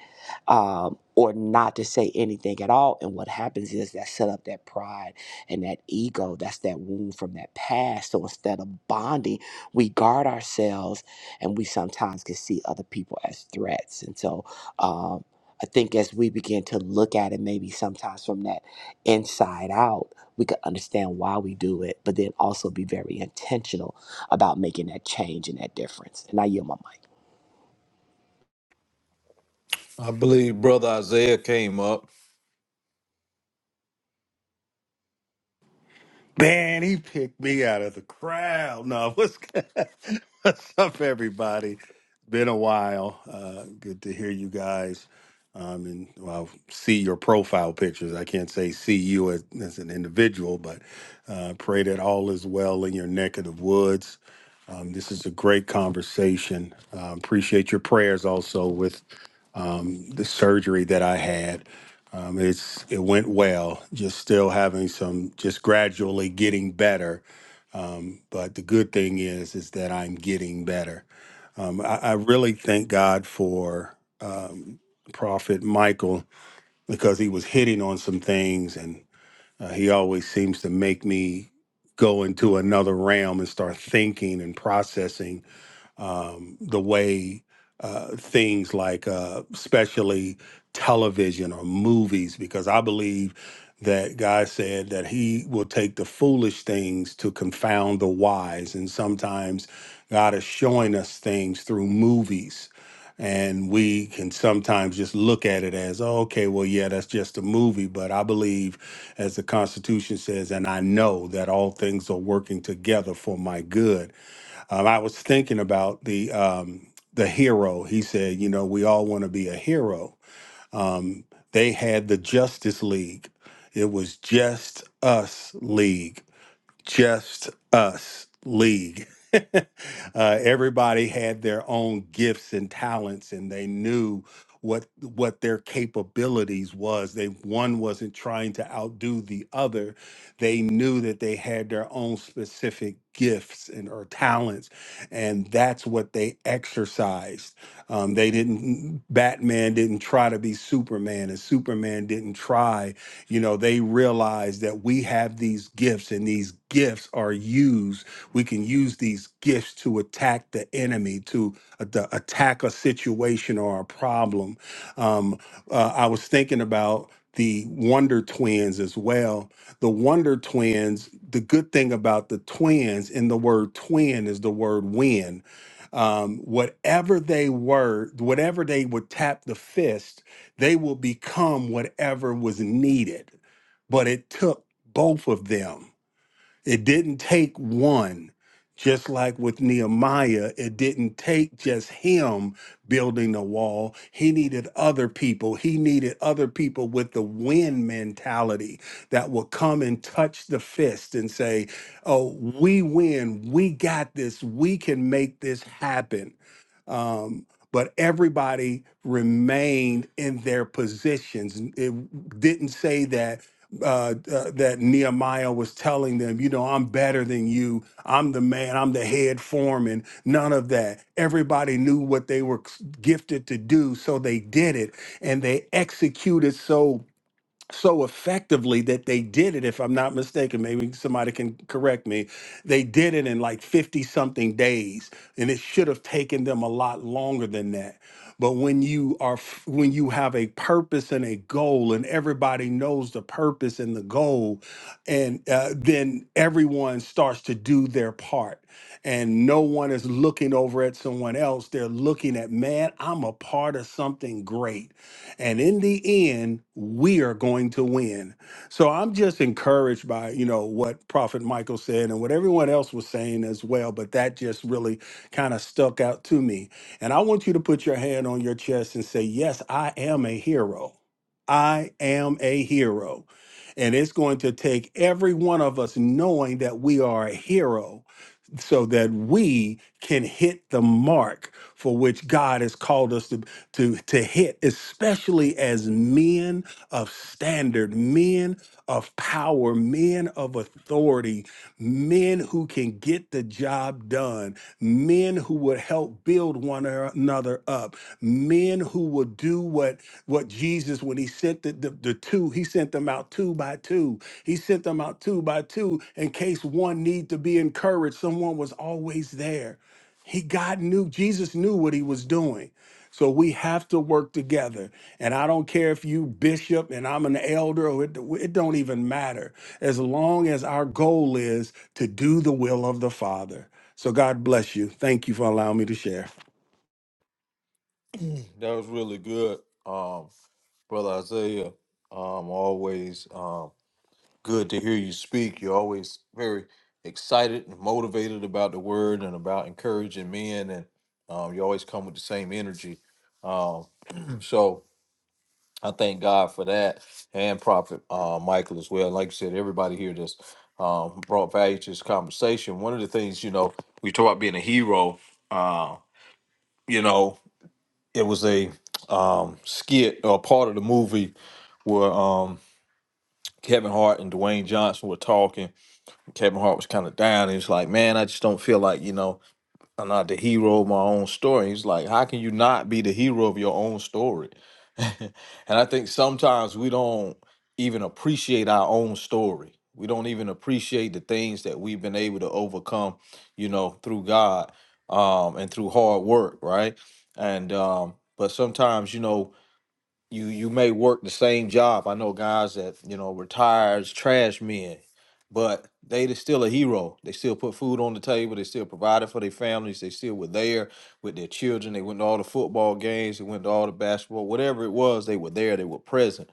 Speaker 3: um, or not to say anything at all. And what happens is that set up that pride and that ego. That's that wound from that past. So instead of bonding, we guard ourselves and we sometimes can see other people as threats. And so um, I think as we begin to look at it, maybe sometimes from that inside out, we could understand why we do it, but then also be very intentional about making that change and that difference. And I yield my mic.
Speaker 2: I believe Brother Isaiah came up.
Speaker 5: Man, he picked me out of the crowd. No, what's what's up, everybody? Been a while. Uh, good to hear you guys. Um, and well, see your profile pictures. I can't say see you as, as an individual, but uh, pray that all is well in your neck of the woods. Um, this is a great conversation. Uh, appreciate your prayers also with um, the surgery that I had. Um, it's it went well. Just still having some, just gradually getting better. Um, but the good thing is, is that I'm getting better. Um, I, I really thank God for um, Prophet Michael because he was hitting on some things, and uh, he always seems to make me go into another realm and start thinking and processing um, the way uh, things like, uh, especially television or movies, because I believe that God said that He will take the foolish things to confound the wise. And sometimes God is showing us things through movies. And we can sometimes just look at it as, oh, okay, well, yeah, that's just a movie. But I believe, as the Constitution says, and I know that all things are working together for my good um, I was thinking about the um, the hero. He said, you know, we all want to be a hero. Um, they had the Justice League. It was just us league just us league. uh, everybody had their own gifts and talents, and they knew what what their capabilities was. They one wasn't trying to outdo the other. They knew that they had their own specific gifts and or talents, and that's what they exercised. Um, they didn't. Batman didn't try to be Superman, and Superman didn't try you know they realize that we have these gifts and these gifts are used we can use these gifts to attack the enemy to uh, the- attack a situation or a problem um, uh, i was thinking about the wonder twins as well the wonder twins the good thing about the twins and the word twin is the word win um, whatever they were whatever they would tap the fist they will become whatever was needed. But it took both of them. It didn't take one. Just like with Nehemiah, it didn't take just him building the wall. He needed other people. He needed other people with the win mentality that would come and touch the fist and say, Oh, we win. We got this. We can make this happen. Um, but everybody remained in their positions. It didn't say that uh, uh, that Nehemiah was telling them, you know, I'm better than you. I'm the man. I'm the head foreman. None of that. Everybody knew what they were gifted to do, so they did it, and they executed so so effectively that they did it if i'm not mistaken maybe somebody can correct me they did it in like 50 something days and it should have taken them a lot longer than that but when you are f- when you have a purpose and a goal and everybody knows the purpose and the goal and uh, then everyone starts to do their part and no one is looking over at someone else they're looking at man i'm a part of something great and in the end, we are going to win. So I'm just encouraged by, you know, what Prophet Michael said and what everyone else was saying as well. But that just really kind of stuck out to me. And I want you to put your hand on your chest and say, Yes, I am a hero. I am a hero. And it's going to take every one of us knowing that we are a hero so that we can hit the mark for which God has called us to, to, to hit, especially as men of standard, men of power, men of authority, men who can get the job done done, men who would help build one another up, men who would do what what Jesus when he sent the, the, the two, he sent them out two by two. He sent them out two by two in case one need to be encouraged. Someone was always there. He God knew Jesus knew what he was doing. So we have to work together. And I don't care if you bishop and I'm an elder or it, it don't even matter. As long as our goal is to do the will of the Father. So God bless you. Thank you for allowing me to share.
Speaker 2: that was really good. Um, Brother Isaiah, um, always. Um, Good to hear you speak. You're always very excited and motivated about the word and about encouraging men, and um, you always come with the same energy. Um, so I thank God for that, and Prophet uh, Michael as well. Like you said, everybody here that's um, brought value to this conversation. One of the things, you know, we talk about being a hero. Uh, you know, it was a um, skit or part of the movie where um, Kevin Hart and Dwayne Johnson were talking. Kevin Hart was kind of down. He was like, "Man, I just don't feel like you know I'm not the hero of my own story." He's like, "How can you not be the hero of your own story?" and I think sometimes we don't even appreciate our own story. We don't even appreciate the things that we've been able to overcome, you know, through God um, and through hard work, right? And um, but sometimes, you know, you you may work the same job. I know guys that you know retires trash men, but they is still a hero. They still put food on the table. They still provided for their families. They still were there with their children. They went to all the football games. They went to all the basketball, whatever it was. They were there. They were present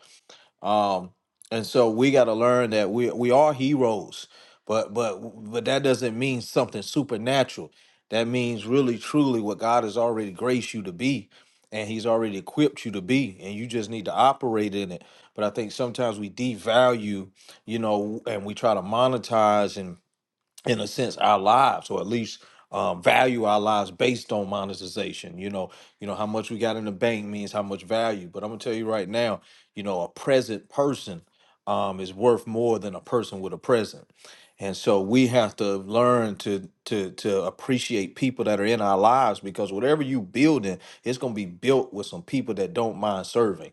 Speaker 2: um, and so we got to learn that we we are heroes, but but but that doesn't mean something supernatural. That means really truly what God has already graced you to be, and He's already equipped you to be, and you just need to operate in it. But I think sometimes we devalue, you know, and we try to monetize and in a sense our lives or at least um, value our lives based on monetization you know you know how much we got in the bank means how much value but i'm gonna tell you right now you know a present person um, is worth more than a person with a present and so we have to learn to to to appreciate people that are in our lives because whatever you building it's gonna be built with some people that don't mind serving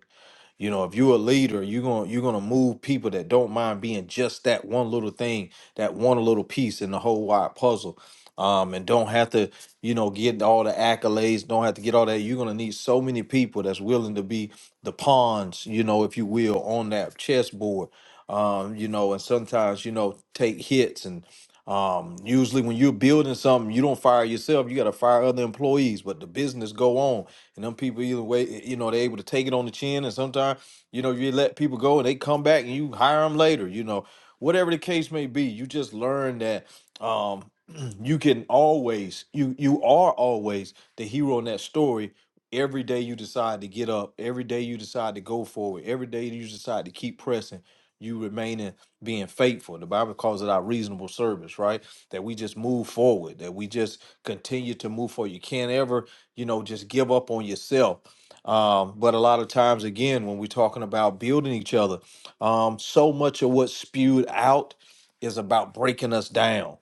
Speaker 2: you know, if you're a leader, you're gonna you're gonna move people that don't mind being just that one little thing, that one little piece in the whole wide puzzle. Um, and don't have to, you know, get all the accolades, don't have to get all that. You're gonna need so many people that's willing to be the pawns, you know, if you will, on that chessboard. Um, you know, and sometimes, you know, take hits and. Um, usually when you're building something, you don't fire yourself, you got to fire other employees, but the business go on. And them people either way, eh, you know, they are able to take it on the chin and sometimes, you know, you let people go and they come back and you hire them later, you know. Whatever the case may be, you just learn that um you can always you you are always the hero in that story every day you decide to get up every day you decide to go forward every day you decide to keep pressing you remaining being faithful. The Bible calls it our reasonable service, right? That we just move forward, that we just continue to move forward. You can't ever, you know, just give up on yourself. Um, but a lot of times, again, when we're talking about building each other, um, so much of what's spewed out is about breaking us down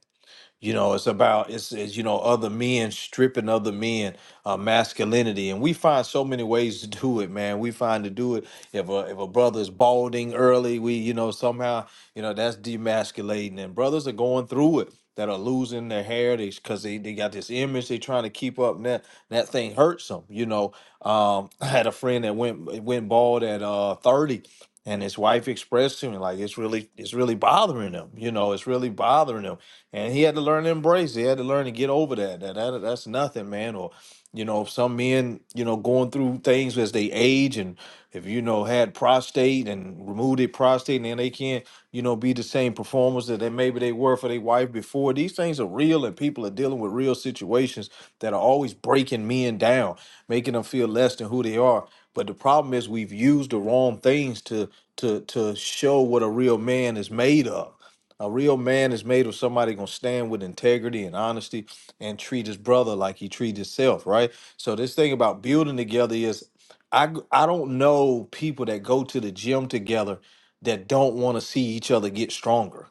Speaker 2: you know, it's about it's, it's you know other men stripping other men uh, masculinity, and we find so many ways to do it, man. We find to do it if a if a brother is balding early, we you know somehow you know that's demasculating, and brothers are going through it that are losing their hair because they they got this image they are trying to keep up, and that that thing hurts them. You know, um, I had a friend that went went bald at uh thirty, and his wife expressed to me like it's really it's really bothering him. You know, it's really bothering him and he had to learn to embrace. it. He had to learn to get over that. That, that that's nothing, man. Or you know, some men, you know, going through things as they age, and if you know had prostate and removed it prostate, and then they can't, you know, be the same performers that they maybe they were for their wife before. These things are real, and people are dealing with real situations that are always breaking men down, making them feel less than who they are. But the problem is we've used the wrong things to to to show what a real man is made of. A real man is made of somebody gonna stand with integrity and honesty and treat his brother like he treat himself, right? So this thing about building together is, I g- I don't know people that go to the gym together that don't want to see each other get stronger.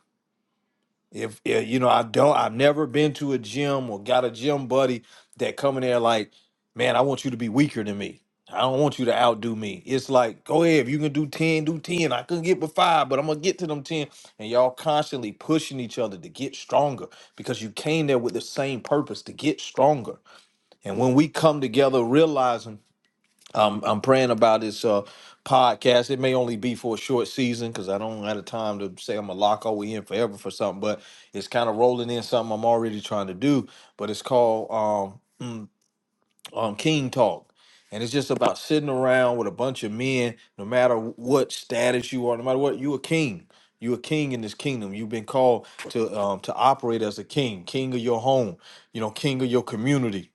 Speaker 2: If, if you know, I don't, I've never been to a gym or got a gym buddy that come in there like, man, I want you to be weaker than me. I don't want you to outdo me. It's like, go ahead, if you can do 10, do 10. I couldn't get but five, but I'm gonna get to them 10. And y'all constantly pushing each other to get stronger because you came there with the same purpose to get stronger. And when we come together realizing I'm I'm praying about this uh, podcast. It may only be for a short season because I don't have the time to say I'm gonna lock all we in forever for something. But it's kind of rolling in something I'm already trying to do. But it's called um, um King Talk, and it's just about sitting around with a bunch of men. No matter what status you are, no matter what you a king. You a king in this kingdom. You've been called to um, to operate as a king, king of your home, you know, king of your community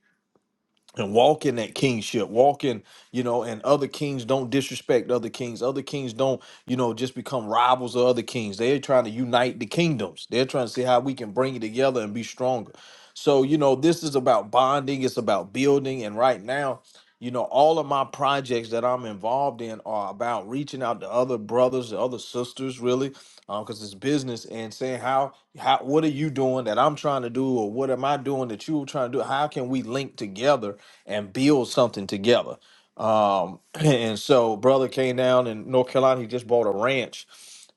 Speaker 2: and walk in that kingship walk in you know and other kings don't disrespect other kings other kings don't you know just become rivals of other kings they're trying to unite the kingdoms they're trying to see how we can bring it together and be stronger so you know this is about bonding it's about building and right now you know all of my projects that i'm involved in are about reaching out to other brothers other sisters really because it's business and saying how how what are you doing that I'm trying to do or what am I doing that you're trying to do? How can we link together and build something together? Um, and so brother came down in North Carolina. He just bought a ranch,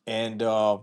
Speaker 2: and uh,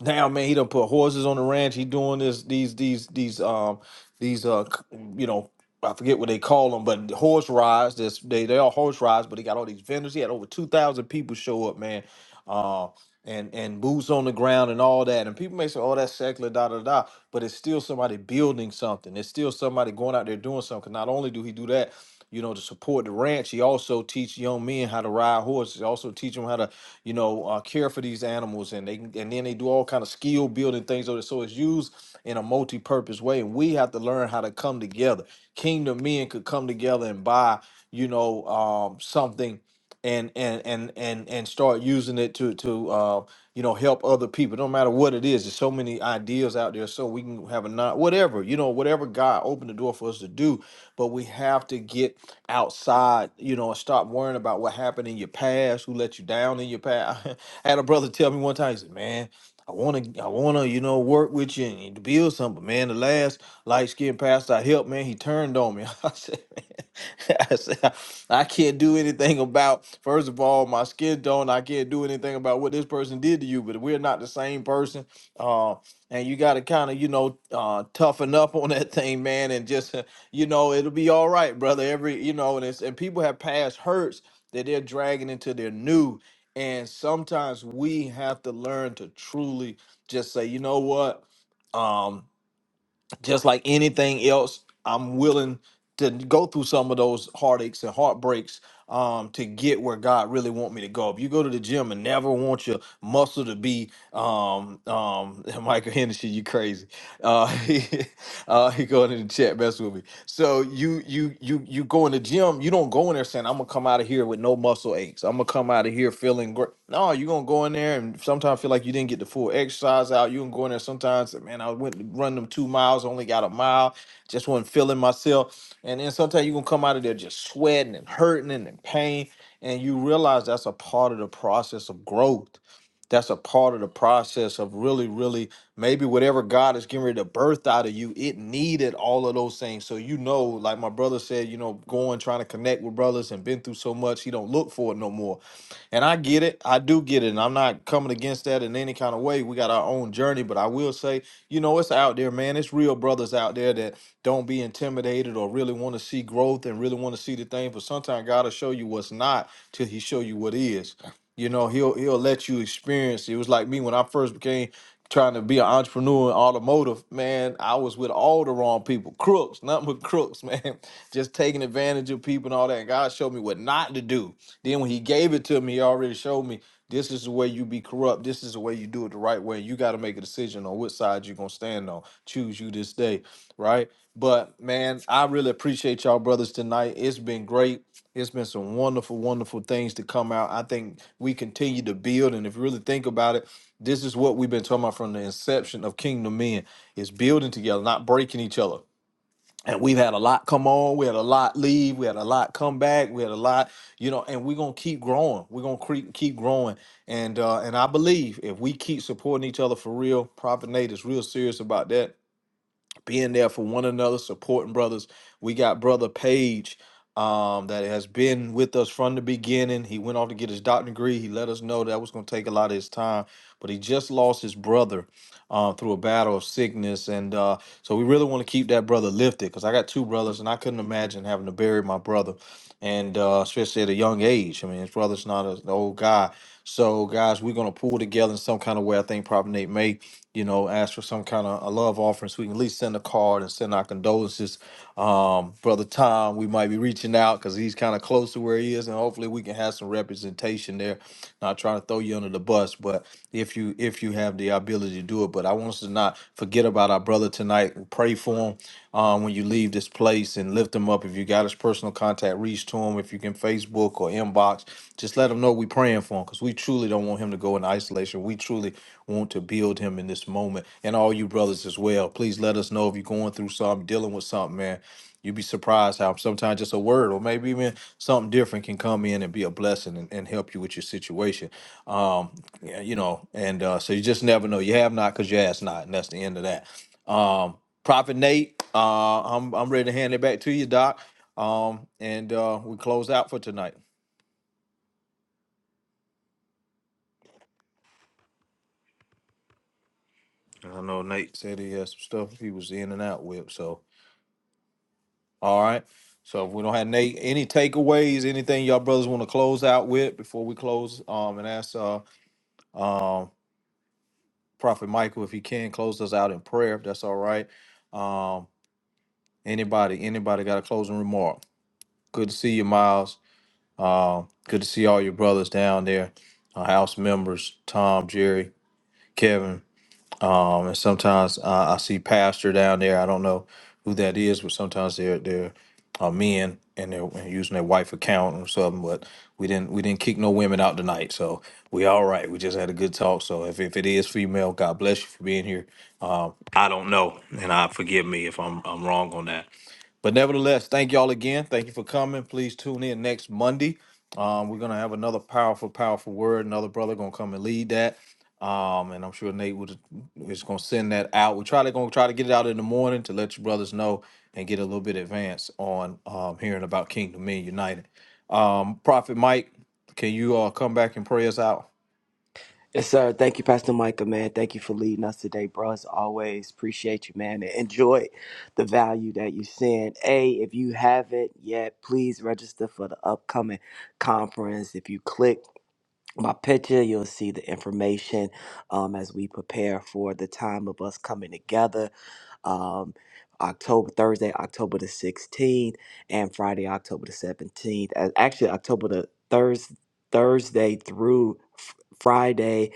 Speaker 2: now man, he done put horses on the ranch. He doing this these these these um these uh c- you know. I forget what they call them, but horse rides. This they they are horse rides, but he got all these vendors. He had over two thousand people show up, man. Uh, and and boots on the ground and all that. And people may say, "Oh, that's secular, da da da," but it's still somebody building something. It's still somebody going out there doing something Not only do he do that, you know, to support the ranch, he also teach young men how to ride horses. He also teach them how to, you know, uh, care for these animals, and they and then they do all kind of skill building things. So it's so it's used in a multi-purpose way. And we have to learn how to come together. Kingdom men could come together and buy, you know, um, something and and and and and start using it to to uh, you know help other people. No matter what it is, there's so many ideas out there. So we can have a not whatever you know whatever God opened the door for us to do, but we have to get outside. You know, and stop worrying about what happened in your past, who let you down in your past. I had a brother tell me one time. He said, "Man." I want to, I want to, you know, work with you and to build something. Man, the last light skinned pastor I helped, man, he turned on me. I said, man, I said, I I can't do anything about, first of all, my skin tone. I can't do anything about what this person did to you, but we're not the same person. Uh, and you got to kind of, you know, uh, toughen up on that thing, man, and just, uh, you know, it'll be all right, brother. Every, you know, and it's, and people have past hurts that they're dragging into their new. And sometimes we have to learn to truly just say, you know what? Um, just like anything else, I'm willing to go through some of those heartaches and heartbreaks um, to get where God really want me to go. If you go to the gym and never want your muscle to be um, um, Michael Henderson, you crazy. Uh, uh, he going in the chat, mess with me. So you you you you go in the gym, you don't go in there saying I'm gonna come out of here with no muscle aches. I'm gonna come out of here feeling great. No, you're gonna go in there and sometimes feel like you didn't get the full exercise out. You can go in there sometimes, man, I went to run them two miles, only got a mile, just wasn't feeling myself. And then sometimes you're gonna come out of there just sweating and hurting and in pain. And you realize that's a part of the process of growth. That's a part of the process of really, really Maybe whatever God is getting ready to birth out of you, it needed all of those things. So you know, like my brother said, you know, going trying to connect with brothers and been through so much, he don't look for it no more. And I get it, I do get it, and I'm not coming against that in any kind of way. We got our own journey, but I will say, you know, it's out there, man. It's real brothers out there that don't be intimidated or really want to see growth and really want to see the thing. But sometimes God will show you what's not till He show you what is. You know, he'll he'll let you experience. It was like me when I first became trying to be an entrepreneur in automotive, man, I was with all the wrong people. Crooks, nothing but crooks, man. Just taking advantage of people and all that. And God showed me what not to do. Then when he gave it to me, he already showed me this is the way you be corrupt. This is the way you do it the right way. You got to make a decision on which side you're gonna stand on. Choose you this day, right? But man, I really appreciate y'all brothers tonight. It's been great. It's been some wonderful, wonderful things to come out. I think we continue to build, and if you really think about it, this is what we've been talking about from the inception of Kingdom Men: is building together, not breaking each other. And we've had a lot come on, we had a lot leave, we had a lot come back, we had a lot, you know, and we're gonna keep growing. We're gonna keep keep growing, and uh, and I believe if we keep supporting each other for real, Prophet Nate is real serious about that being there for one another, supporting brothers. We got brother Page um, that has been with us from the beginning. He went off to get his doctorate degree. He let us know that was going to take a lot of his time, but he just lost his brother uh, through a battle of sickness, and uh, so we really want to keep that brother lifted because I got two brothers, and I couldn't imagine having to bury my brother and uh, especially at a young age. I mean, his brother's not a, an old guy. So, guys, we're gonna pull together in some kind of way. I think probably Nate may, you know, ask for some kind of a love offering, so we can at least send a card and send our condolences. Um, brother Tom, we might be reaching out because he's kind of close to where he is, and hopefully we can have some representation there. Not trying to throw you under the bus, but if you if you have the ability to do it, but I want us to not forget about our brother tonight. Pray for him um, when you leave this place and lift him up. If you got his personal contact, reach to him. If you can Facebook or inbox, just let him know we praying for him because we truly don't want him to go in isolation. We truly want to build him in this moment. And all you brothers as well, please let us know if you're going through something, dealing with something, man. You'd be surprised how sometimes just a word or maybe even something different can come in and be a blessing and, and help you with your situation. Um, yeah, you know, and uh, so you just never know. You have not because you ask not, and that's the end of that. Um, Prophet Nate, uh, I'm I'm ready to hand it back to you, Doc. Um, and uh, we close out for tonight. I know Nate. Said he had some stuff he was in and out with. So, all right. So if we don't have Nate, any takeaways, anything y'all brothers want to close out with before we close, um, and ask uh, um, Prophet Michael if he can close us out in prayer, if that's all right. Um, anybody, anybody got a closing remark? Good to see you, Miles. Uh, good to see all your brothers down there, uh, house members, Tom, Jerry, Kevin. Um, and sometimes uh, I see pastor down there. I don't know who that is, but sometimes they're they're uh, men and they're and using their wife account or something. But we didn't we didn't kick no women out tonight, so we all right. We just had a good talk. So if, if it is female, God bless you for being here. Um, I don't know, and I forgive me if I'm I'm wrong on that. But nevertheless, thank y'all again. Thank you for coming. Please tune in next Monday. Um, we're gonna have another powerful, powerful word. Another brother gonna come and lead that. Um, and I'm sure Nate would is gonna send that out. We're try to gonna try to get it out in the morning to let you brothers know and get a little bit advance on um hearing about Kingdom Men United. Um, Prophet Mike, can you uh come back and pray us out?
Speaker 3: Yes, sir. Thank you, Pastor Micah, man. Thank you for leading us today, bro. As always, appreciate you, man. And enjoy the value that you send. A, if you haven't yet, please register for the upcoming conference. If you click my picture, you'll see the information um, as we prepare for the time of us coming together. um, October Thursday, October the 16th, and Friday, October the 17th. As actually October the Thurs Thursday through f- Friday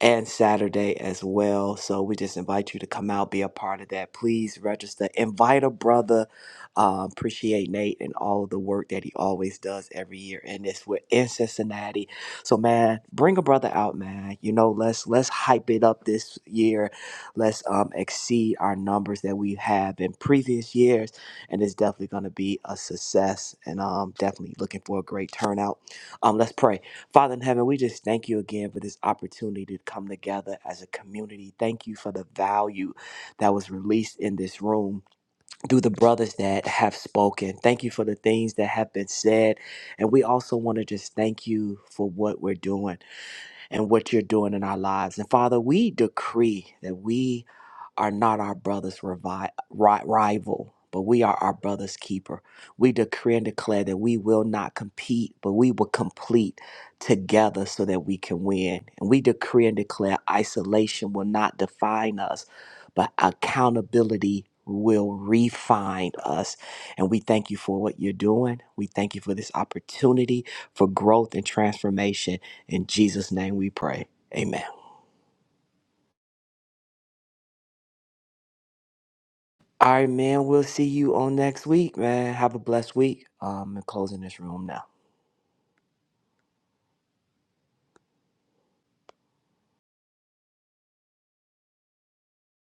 Speaker 3: and Saturday as well. So we just invite you to come out, be a part of that. Please register. Invite a brother. Uh, appreciate Nate and all of the work that he always does every year, and it's with in Cincinnati. So man, bring a brother out, man. You know, let's let's hype it up this year. Let's um exceed our numbers that we have in previous years, and it's definitely going to be a success. And I'm definitely looking for a great turnout. Um, let's pray. Father in heaven, we just thank you again for this opportunity to come together as a community. Thank you for the value that was released in this room through the brothers that have spoken. Thank you for the things that have been said. And we also want to just thank you for what we're doing and what you're doing in our lives. And Father, we decree that we are not our brother's revi- ri- rival, but we are our brother's keeper. We decree and declare that we will not compete, but we will complete together so that we can win. And we decree and declare isolation will not define us, but accountability will refine us. And we thank you for what you're doing. We thank you for this opportunity for growth and transformation. In Jesus' name we pray. Amen. All right, man. We'll see you on next week, man. Have a blessed week. Um, I'm closing this room now.